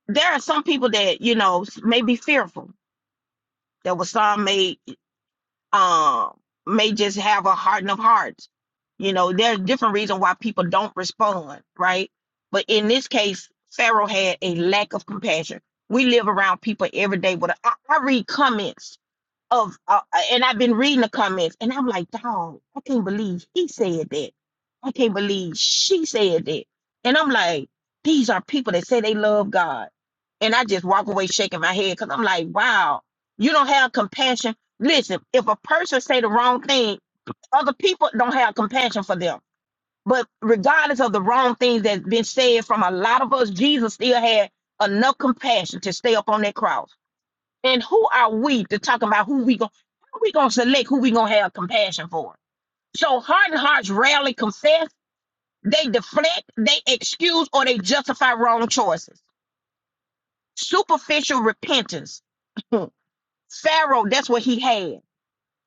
A: there are some people that, you know, s- may be fearful. There was some may." um, may just have a harden of hearts. You know, there's different reasons why people don't respond, right? But in this case, Pharaoh had a lack of compassion. We live around people every day with a, I I read comments of uh, uh, and I've been reading the comments and I'm like, dog, I can't believe he said that. I can't believe she said that. And I'm like, these are people that say they love God. And I just walk away shaking my head because I'm like, wow, you don't have compassion. Listen, if a person say the wrong thing, other people don't have compassion for them. But regardless of the wrong things that's been said from a lot of us, Jesus still had enough compassion to stay up on that cross. And who are we to talk about who we going how we gonna select who we gonna have compassion for? So hardened hearts rarely confess, they deflect, they excuse, or they justify wrong choices. Superficial repentance. [laughs] Pharaoh, that's what he had.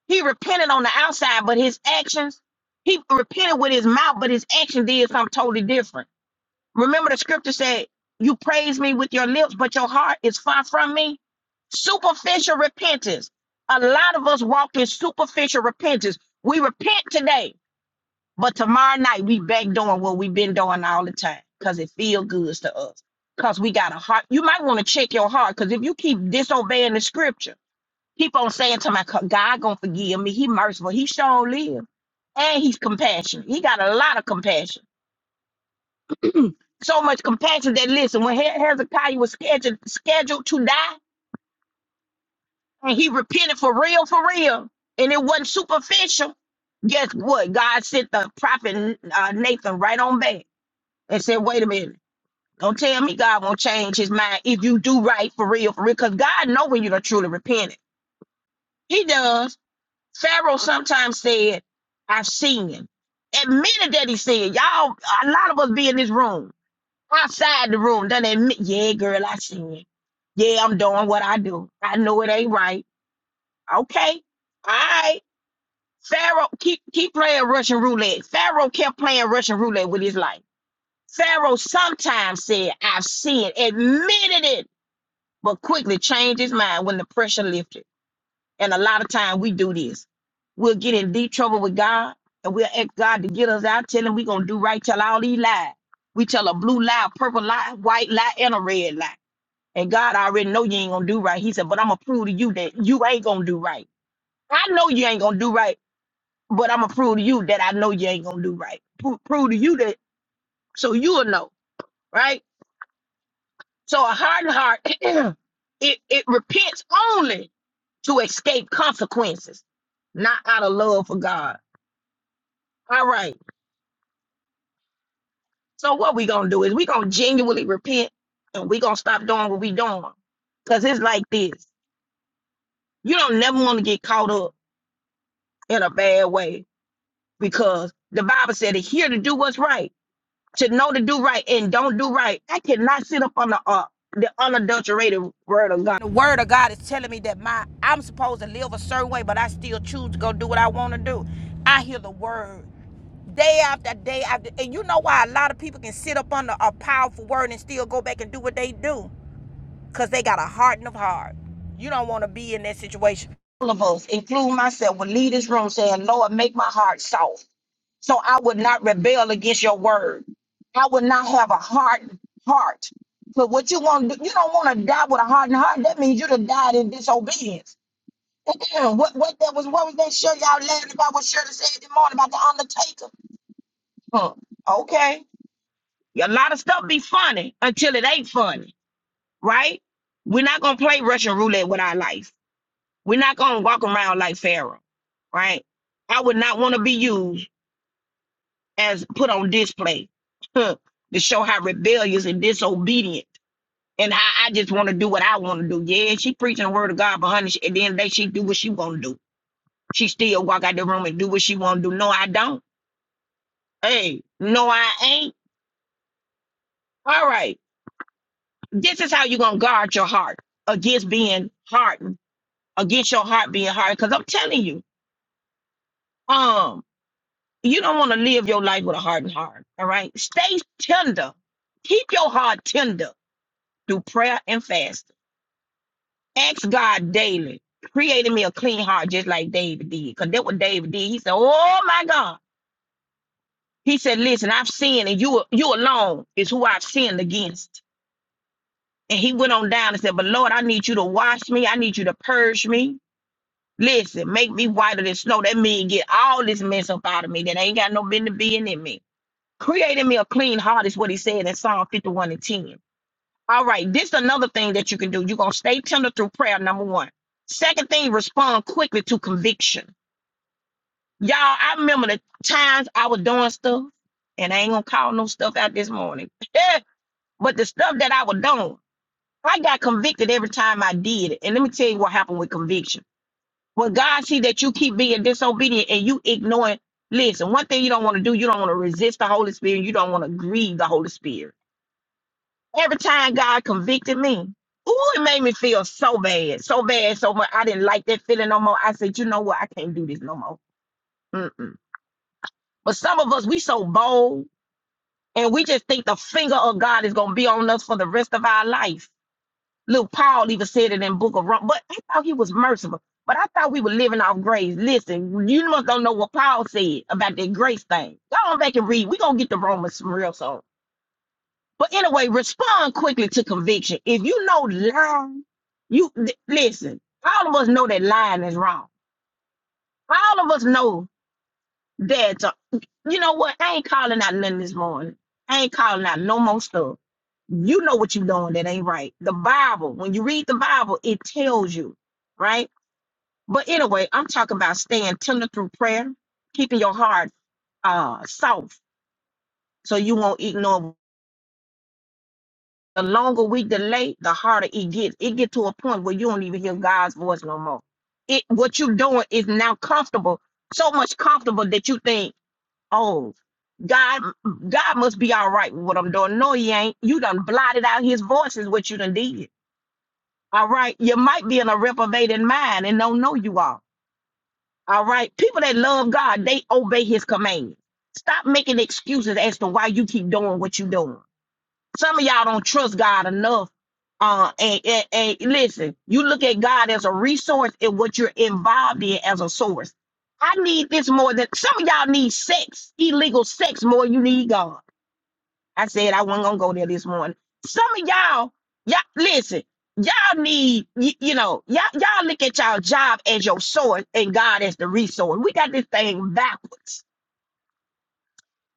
A: He repented on the outside, but his actions, he repented with his mouth, but his action did something totally different. Remember the scripture said, you praise me with your lips, but your heart is far from me. Superficial repentance. A lot of us walk in superficial repentance. We repent today, but tomorrow night we back doing what we've been doing all the time because it feels good to us. Because we got a heart. You might want to check your heart because if you keep disobeying the scripture, keep on saying to my God "God gonna forgive me. He merciful. He sure live. And he's compassionate. He got a lot of compassion so much compassion that listen, when He- Hezekiah was scheduled scheduled to die, and he repented for real, for real, and it wasn't superficial. Guess what? God sent the prophet uh, Nathan right on back and said, "Wait a minute." Don't tell me God won't change his mind if you do right for real, for real, because God know when you done truly repented. He does. Pharaoh sometimes said, I've sinned. Admitted that he sinned. Y'all, a lot of us be in this room. outside the room. Done admit, yeah, girl, I seen it. Yeah, I'm doing what I do. I know it ain't right. Okay. All right. Pharaoh keep keep playing Russian roulette. Pharaoh kept playing Russian roulette with his life. Pharaoh sometimes said, I've sinned, admitted it, but quickly changed his mind when the pressure lifted. And a lot of time we do this. We'll get in deep trouble with God and we'll ask God to get us out, tell him we're gonna do right, tell all these lies. We tell a blue lie, purple lie, white lie, and a red lie. And God already know you ain't gonna do right. He said, but I'm gonna prove to you that you ain't gonna do right. I know you ain't gonna do right, but I'm gonna prove to you that I know you ain't gonna do right. Pro- prove to you that so you'll know, right? So a hardened heart, [clears throat] it, it repents only to escape consequences, not out of love for God. All right. So what we gonna do is we gonna genuinely repent and we gonna stop doing what we doing. Cause it's like this. You don't never want to get caught up in a bad way because the Bible said it here to do what's right, to know to do right and don't do right. I cannot sit up on the uh, the unadulterated word of God. The word of God is telling me that my I'm supposed to live a certain way, but I still choose to go do what I want to do. I hear the word day after day after, and you know why a lot of people can sit up under a powerful word and still go back and do what they do, cause they got a hardened of heart. You don't want to be in that situation all of us, including myself, will leave this room saying, Lord, make my heart soft. So I would not rebel against your word. I would not have a hard heart. But what you want to do, you don't want to die with a hardened heart. That means you'd have died in disobedience. [clears throat] And then what what that was what was that show y'all laughing about what Shirley said this morning about the Undertaker? Huh. Okay. A lot of stuff be funny until it ain't funny, right? We're not gonna play Russian roulette with our life. We're not gonna walk around like Pharaoh, right? I would not want to be used as put on display [laughs] to show how rebellious and disobedient and how I just want to do what I want to do. Yeah, she preaching the word of God, but honey, at the end of the day, she do what she want to do. She still walk out the room and do what she want to do. No, I don't. Hey, no, I ain't. All right. This is how you going to guard your heart against being hardened, against your heart being hardened. Because I'm telling you, um, you don't want to live your life with a hardened heart. All right. Stay tender. Keep your heart tender through prayer and fasting. Ask God daily, creating me a clean heart, just like David did. Because that what David did. He said, Oh my God. He said, Listen, I've sinned, and you you alone is who I've sinned against. And he went on down and said, But Lord, I need you to wash me. I need you to purge me. Listen, make me whiter than snow. That mean get all this mess up out of me that ain't got no business being in me. Creating me a clean heart is what he said in Psalm 51 and 10. All right, this is another thing that you can do. You're gonna stay tender through prayer, number one. Second thing, respond quickly to conviction. Y'all, I remember the times I was doing stuff, and I ain't gonna call no stuff out this morning. [laughs] but the stuff that I was doing, I got convicted every time I did it. And let me tell you what happened with conviction. When God see that you keep being disobedient and you ignoring, listen, one thing you don't want to do, you don't want to resist the Holy Spirit, you don't want to grieve the Holy Spirit. Every time God convicted me, ooh, it made me feel so bad, so bad, so much. I didn't like that feeling no more. I said, you know what? I can't do this no more. Mm-mm. But some of us, we so bold, and we just think the finger of God is gonna be on us for the rest of our life. Look, Paul even said it in Book of Rom, but I thought he was merciful. But I thought we were living off grace. Listen, you must don't know what Paul said about that grace thing. Go on back and read. we gonna get the Romans from real soon. But anyway, respond quickly to conviction. If you know lying, you th- listen. All of us know that lying is wrong. All of us know that. uh, you know what? I ain't calling out nothing this morning. I ain't calling out no more stuff. You know what you doing that ain't right. The Bible, when you read the Bible, it tells you, right? But anyway, I'm talking about staying tender through prayer, keeping your heart uh soft, so you won't ignore The longer we delay, the harder it gets. It get to a point where you don't even hear God's voice no more. It what you're doing is now comfortable, so much comfortable that you think, oh, God, God must be all right with what I'm doing. No, he ain't. You done blotted out his voice is what you done did. All right. You might be in a reprobated mind and don't know you are. All right. People that love God, they obey his command. Stop making excuses as to why you keep doing what you're doing. Some of y'all don't trust God enough. Uh, and, and, and listen, you look at God as a resource and what you're involved in as a source. I need this more than some of y'all need sex, illegal sex more than you need God. I said I wasn't gonna go there this morning. Some of y'all, y'all listen, y'all need you, you know, y'all y'all look at y'all job as your source and God as the resource. We got this thing backwards.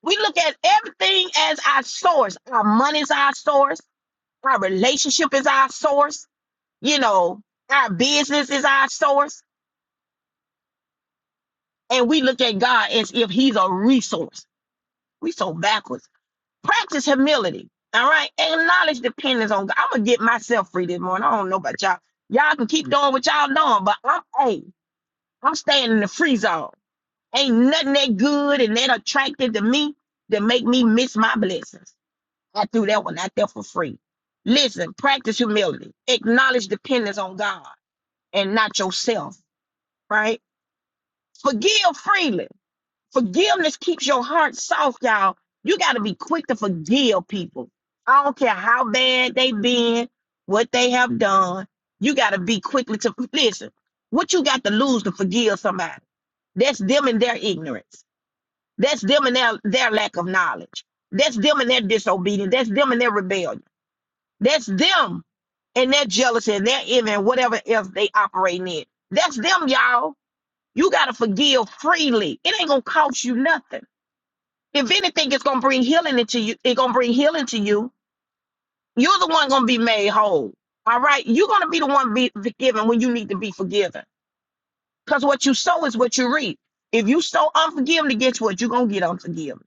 A: We look at everything as our source. Our money's our source. Our relationship is our source. You know, our business is our source. And we look at God as if He's a resource. We so backwards. Practice humility. All right. Acknowledge dependence on God. I'm gonna get myself free this morning. I don't know about y'all. Y'all can keep doing what y'all doing, but I'm hey, I'm staying in the free zone. Ain't nothing that good and that attractive to me that make me miss my blessings. I threw that one out there for free. Listen, practice humility. Acknowledge dependence on God. and not yourself, right? Forgive freely. Forgiveness keeps your heart soft, y'all. You got to be quick to forgive people. I don't care how bad they been, what they have done. You got to be quickly to listen. What you got to lose to forgive somebody? That's them and their ignorance. That's them and their, their lack of knowledge. That's them and their disobedience. That's them and their rebellion. That's them and their jealousy and their envy and whatever else they operating in. That's them, y'all. You got to forgive freely. It ain't gonna cost you nothing. If anything, it's gonna bring healing into you. It's gonna bring healing to you. You're the one gonna be made whole. All right, you're gonna be the one be forgiven when you need to be forgiven. Cause what you sow is what you reap. If you sow unforgiveness, guess what? You're gonna get unforgiveness.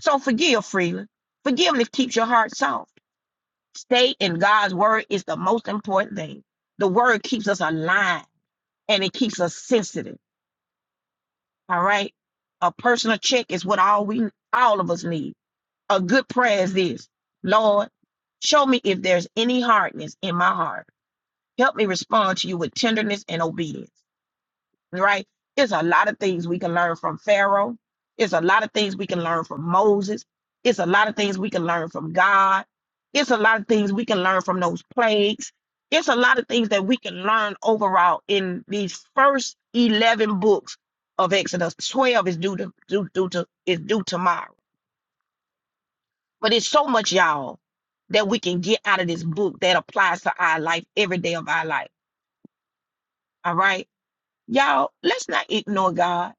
A: So forgive freely. Forgiveness keeps your heart soft. Stay in God's word is the most important thing. The word keeps us alive and it keeps us sensitive. All right. A personal check is what all we all of us need. A good prayer is this. Lord, show me if there's any hardness in my heart. Help me respond to you with tenderness and obedience right? It's a lot of things we can learn from Pharaoh. It's a lot of things we can learn from Moses. It's a lot of things we can learn from God. It's a lot of things we can learn from those plagues. It's a lot of things that we can learn overall in these first 11 books of Exodus. 12 is due to due, due to is due tomorrow. But it's so much, y'all, that we can get out of this book that applies to our life every day of our life. All right. Y'all, let's not ignore God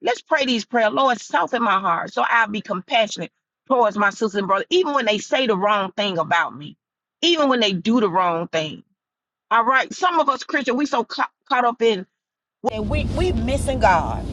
A: Let's pray these prayers. Lord, soften my heart so I'll be compassionate towards my sisters and brothers, even when they say the wrong thing about me, even when they do the wrong thing. All right. Some of us Christian, we so ca- caught up in And we we missing God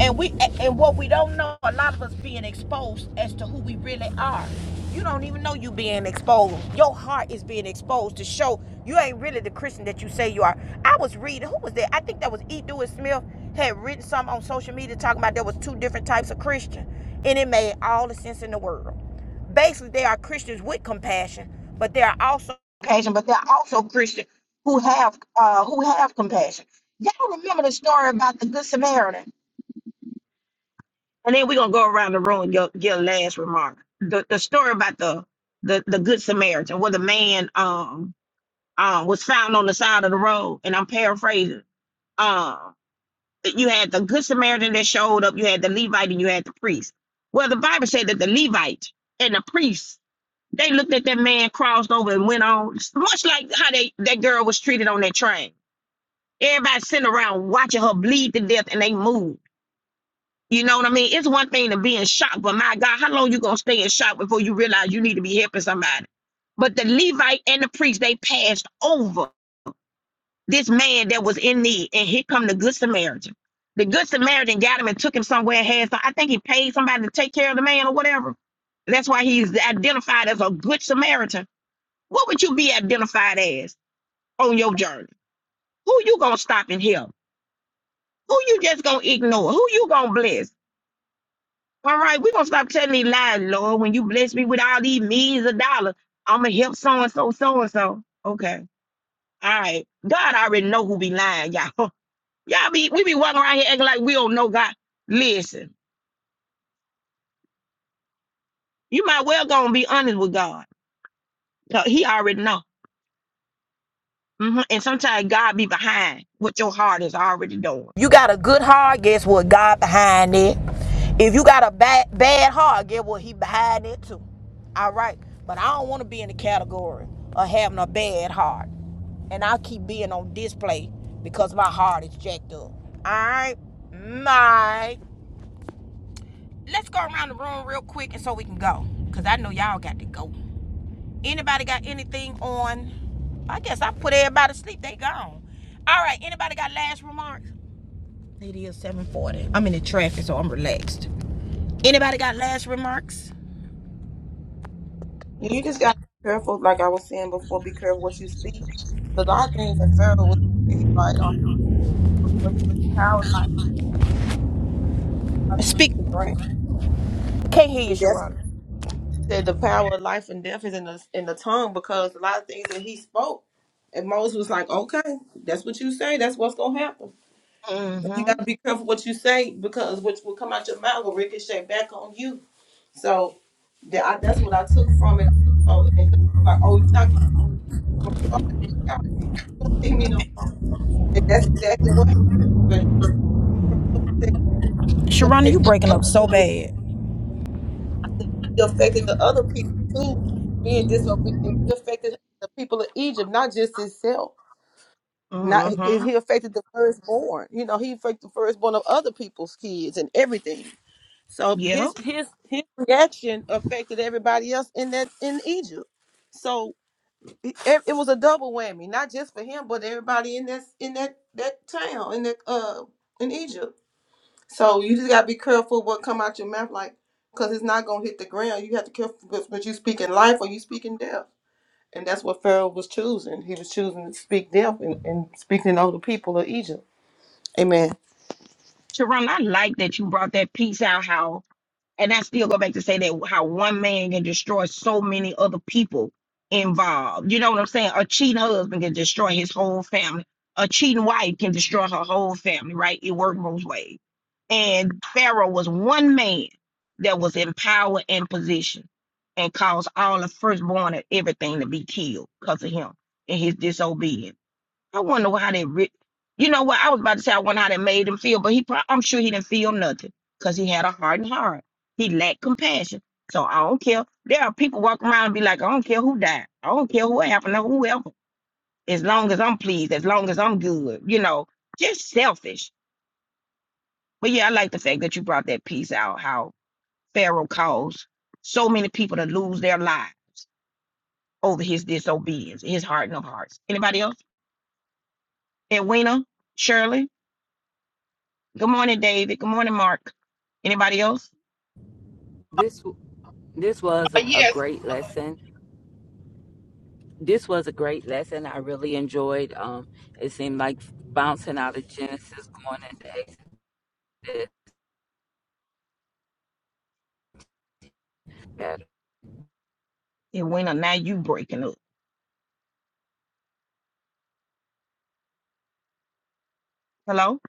A: and we and what we don't know a lot of us being exposed as to who we really are you don't even know you being exposed your heart is being exposed to show you ain't really the christian that you say you are i was reading who was that i think that was e Dewey smith had written something on social media talking about there was two different types of christian and it made all the sense in the world basically they are christians with compassion but they are also compassion but they're also christian who have uh who have compassion y'all remember the story about the good samaritan and then we're gonna go around the room and your your last remark. The the story about the the the good Samaritan where the man um um was found on the side of the road, and I'm paraphrasing. Um you had the good Samaritan that showed up, you had the Levite and you had the priest. Well, the Bible said that the Levite and the priest they looked at that man, crossed over, and went on, much like how they that girl was treated on that train. Everybody sitting around watching her bleed to death and they moved. You know what I mean? It's one thing to be in shock, but my God, how long you gonna stay in shock before you realize you need to be helping somebody? But the Levite and the priest, they passed over this man that was in need, and here come the good Samaritan. The good Samaritan got him and took him somewhere and had some. I think he paid somebody to take care of the man or whatever. That's why he's identified as a good Samaritan. What would you be identified as on your journey? Who you gonna stop and help? Who you just gonna ignore? Who you gonna bless? All right, we're gonna stop telling these lies, Lord. When you bless me with all these millions of dollars, I'ma help so and so, so and so. Okay. All right. God already know who be lying, y'all. [laughs] Y'all be we be walking around here acting like we don't know God. Listen, you might well gonna be honest with God. 'cause He already know. hmm And sometimes God be behind what your heart is already doing. You got a good heart, guess what? God behind it. If you got a bad bad heart, guess what? He behind it too. All right. But I don't want to be in the category of having a bad heart. And I keep being on display because my heart is jacked up. All right. Mike. Let's go around the room real quick and so we can go. Cause I know y'all got to go. Anybody got anything on? I guess I put everybody to sleep. They gone. All right. Anybody got last remarks? It is 740. I'm in the traffic, so I'm relaxed. Anybody got last remarks?
G: You just gotta be careful, like I was saying before, be careful what you speak. 'Cause a lot of things that Pharaoh was he like on what power like I don't get
A: Speak.
G: the
A: Can't hear you,
G: grant.
A: Sharona.
G: said the power of life and death is in the in the tongue because a lot of things that he spoke, and Moses was like, "Okay, that's what you say. That's what's gonna happen. You gotta
A: Mm-hmm.
G: be careful what you say because what will come out your mouth will ricochet back on you." So that I, that's what I took from it. So and it's like, oh, you're not gonna okay, you're not gonna see me no more. And that's exactly what happened. But he said, "You're
A: Sharona, you
G: affecting
A: breaking up
G: other
A: so
G: people
A: bad.
G: I said, but he affected the other people too, being disobedient. He affected the people of Egypt, not just himself. Not
A: Mm-hmm.
G: he affected the firstborn. You know, he affected the firstborn of other people's kids and everything. So
A: Yep.
G: his his his reaction affected everybody else in that in Egypt. So it, it was a double whammy, not just for him, but everybody in that in that that town in that uh in Egypt. So you just gotta be careful what come out your mouth, like, cause it's not gonna hit the ground. You have to careful, but, but you speaking life or you speaking death, and that's what Pharaoh was choosing. He was choosing to speak death and, and speaking over the people of Egypt. Amen.
A: Sharona, I like that you brought that piece out how and I still go back to say that how one man can destroy so many other people involved. You know what I'm saying? A cheating husband can destroy his whole family. A cheating wife can destroy her whole family, right? It worked both ways. And Pharaoh was one man that was in power and position and caused all the firstborn and everything to be killed because of him and his disobedience. I wonder how they re- you know what I was about to say I wonder how that made him feel, but he pro- I'm sure he didn't feel nothing because he had a hardened heart. He lacked compassion. So I don't care. There are people walking around and be like, I don't care who died. I don't care what happened to whoever. As long as I'm pleased, as long as I'm good, you know, just selfish. But yeah, I like the fact that you brought that piece out, how Pharaoh caused so many people to lose their lives over his disobedience, his hardening of hearts. Anybody else? Edwina? Shirley? Good morning, David. Good morning, Mark. Anybody else?
B: This this was
E: Uh,
B: a, a
E: yes.
B: great lesson. this was a great lesson. I really enjoyed. Um, it seemed like bouncing out of Genesis, going into Exodus. Better.
A: It went on. Now you breaking up. Hello?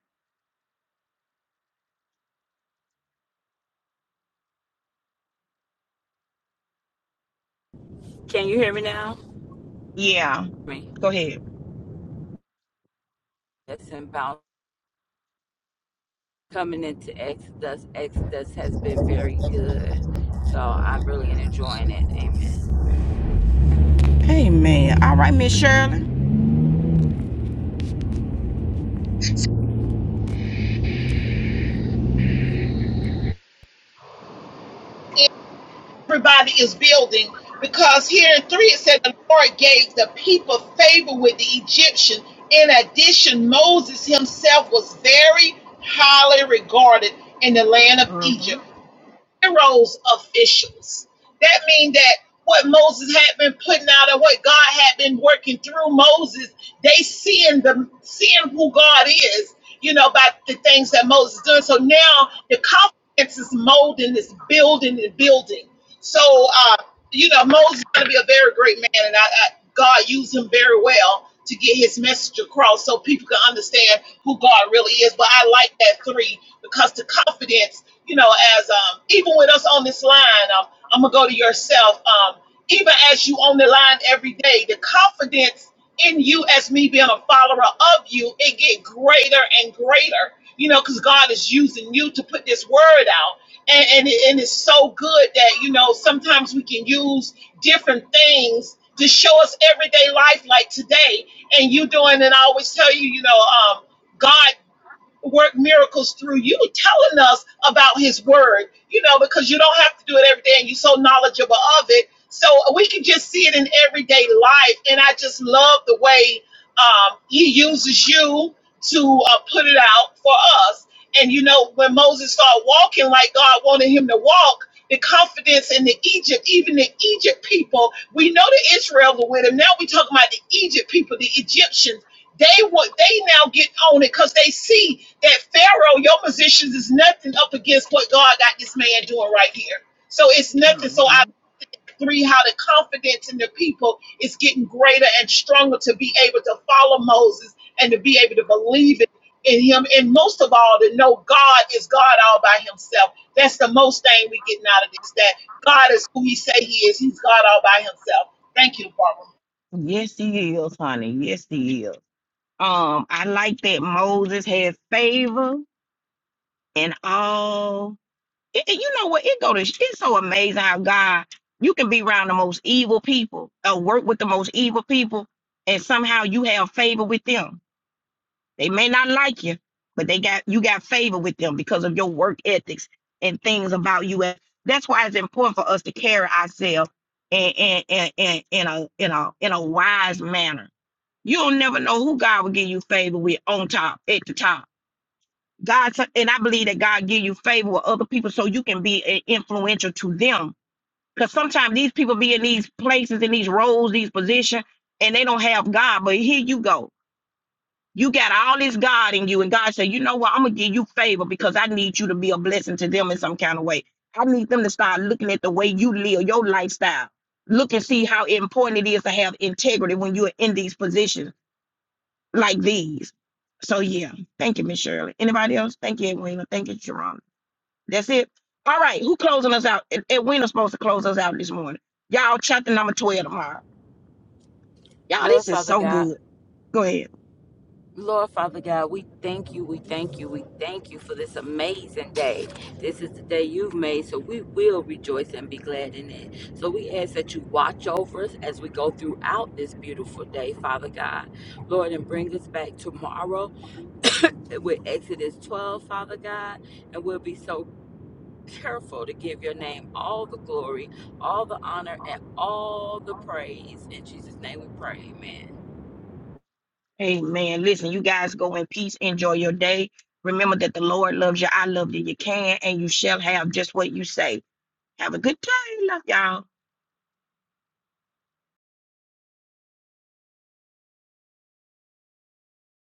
B: Can you hear me now?
A: Yeah.
B: Me.
A: Go ahead.
B: Yes, bounce coming into Exodus. Exodus has been very good, so I'm really enjoying it. Amen.
A: Hey man. All right, Miss Shirley.
E: everybody is building because here in three it said the Lord gave the people favor with the Egyptian. In addition, Moses himself was very highly regarded in the land of
A: Mm-hmm.
E: Egypt. Heroes, officials. That means that what Moses had been putting out and what God had been working through Moses, they seeing the seeing who God is, you know, by the things that Moses is doing. So now the confidence is molding this building and building. So uh, you know, Moses is going to be a very great man, and I, I, God used him very well to get his message across so people can understand who God really is. But I like that three because the confidence, you know, as um, even with us on this line, um, I'm going to go to yourself. Um, even as you on the line every day, the confidence in you as me being a follower of you, it get greater and greater, you know, because God is using you to put this word out and and, it, and it's so good that you know sometimes we can use different things to show us everyday life like today and you doing and i always tell you you know um god work miracles through you telling us about his word, you know, because you don't have to do it every day and you're so knowledgeable of it. So we can just see it in everyday life. And I just love the way um, he uses you to uh, put it out for us. And, you know, when Moses started walking like God wanted him to walk, the confidence in the Egypt, even the Egypt people, we know the Israel were with him. Now we talking about the Egypt people, the Egyptians they would they now get on it because they see that Pharaoh, your positions is nothing up against what God got this man doing right here. So it's nothing. So I
A: Mm-hmm.
E: three, how the confidence in the people is getting greater and stronger to be able to follow Moses and to be able to believe in, in him. And most of all, to know God is God all by himself. That's the most thing we're getting out of this, that God is who he say he is. He's God all by himself. Thank you, Barbara.
A: Yes, he is, honey. Yes, he is. Um, I like that Moses had favor in all. it, it- you know what? It go to sh- it's so amazing how God you can be around the most evil people or work with the most evil people, and somehow you have favor with them. They may not like you, but they got you got favor with them because of your work ethics and things about you. And That's why it's important for us to carry ourselves in in in, in, in a in a in a wise manner. You'll never know who God will give you favor with on top at the top God, so- and I believe that God give you favor with other people so you can be i- influential to them. Because sometimes these people be in these places, in these roles, these positions, and they don't have God. But here you go. You got all this God in you. And God said, you know what? I'm going to give you favor because I need you to be a blessing to them in some kind of way. I need them to start looking at the way you live, your lifestyle. Look and see how important it is to have integrity when you're in these positions like these. So, yeah. Thank you, Miss Shirley. Anybody else? Thank you, Edwina. Thank you, Sharon. That's it. All right, who closing us out? Ed- Edwina's supposed to close us out this morning. Y'all, chapter number 12 tomorrow. Y'all,
B: Lord
A: this is
B: Father
A: so
B: God.
A: good. Go ahead.
B: Lord Father God, we thank you, we thank you, we thank you for this amazing day. This is the day you've made, so we will rejoice and be glad in it. So we ask that you watch over us as we go throughout this beautiful day, Father God. Lord, and bring us back tomorrow with Exodus 12, Father God, and we'll be so careful to give your name all the glory, all the honor, and all the praise. In Jesus' name we pray, amen.
A: Amen. Listen, you guys go in peace. Enjoy your day. Remember that the Lord loves you. I love you. You can and you shall have just what you say. Have a good day. Love y'all.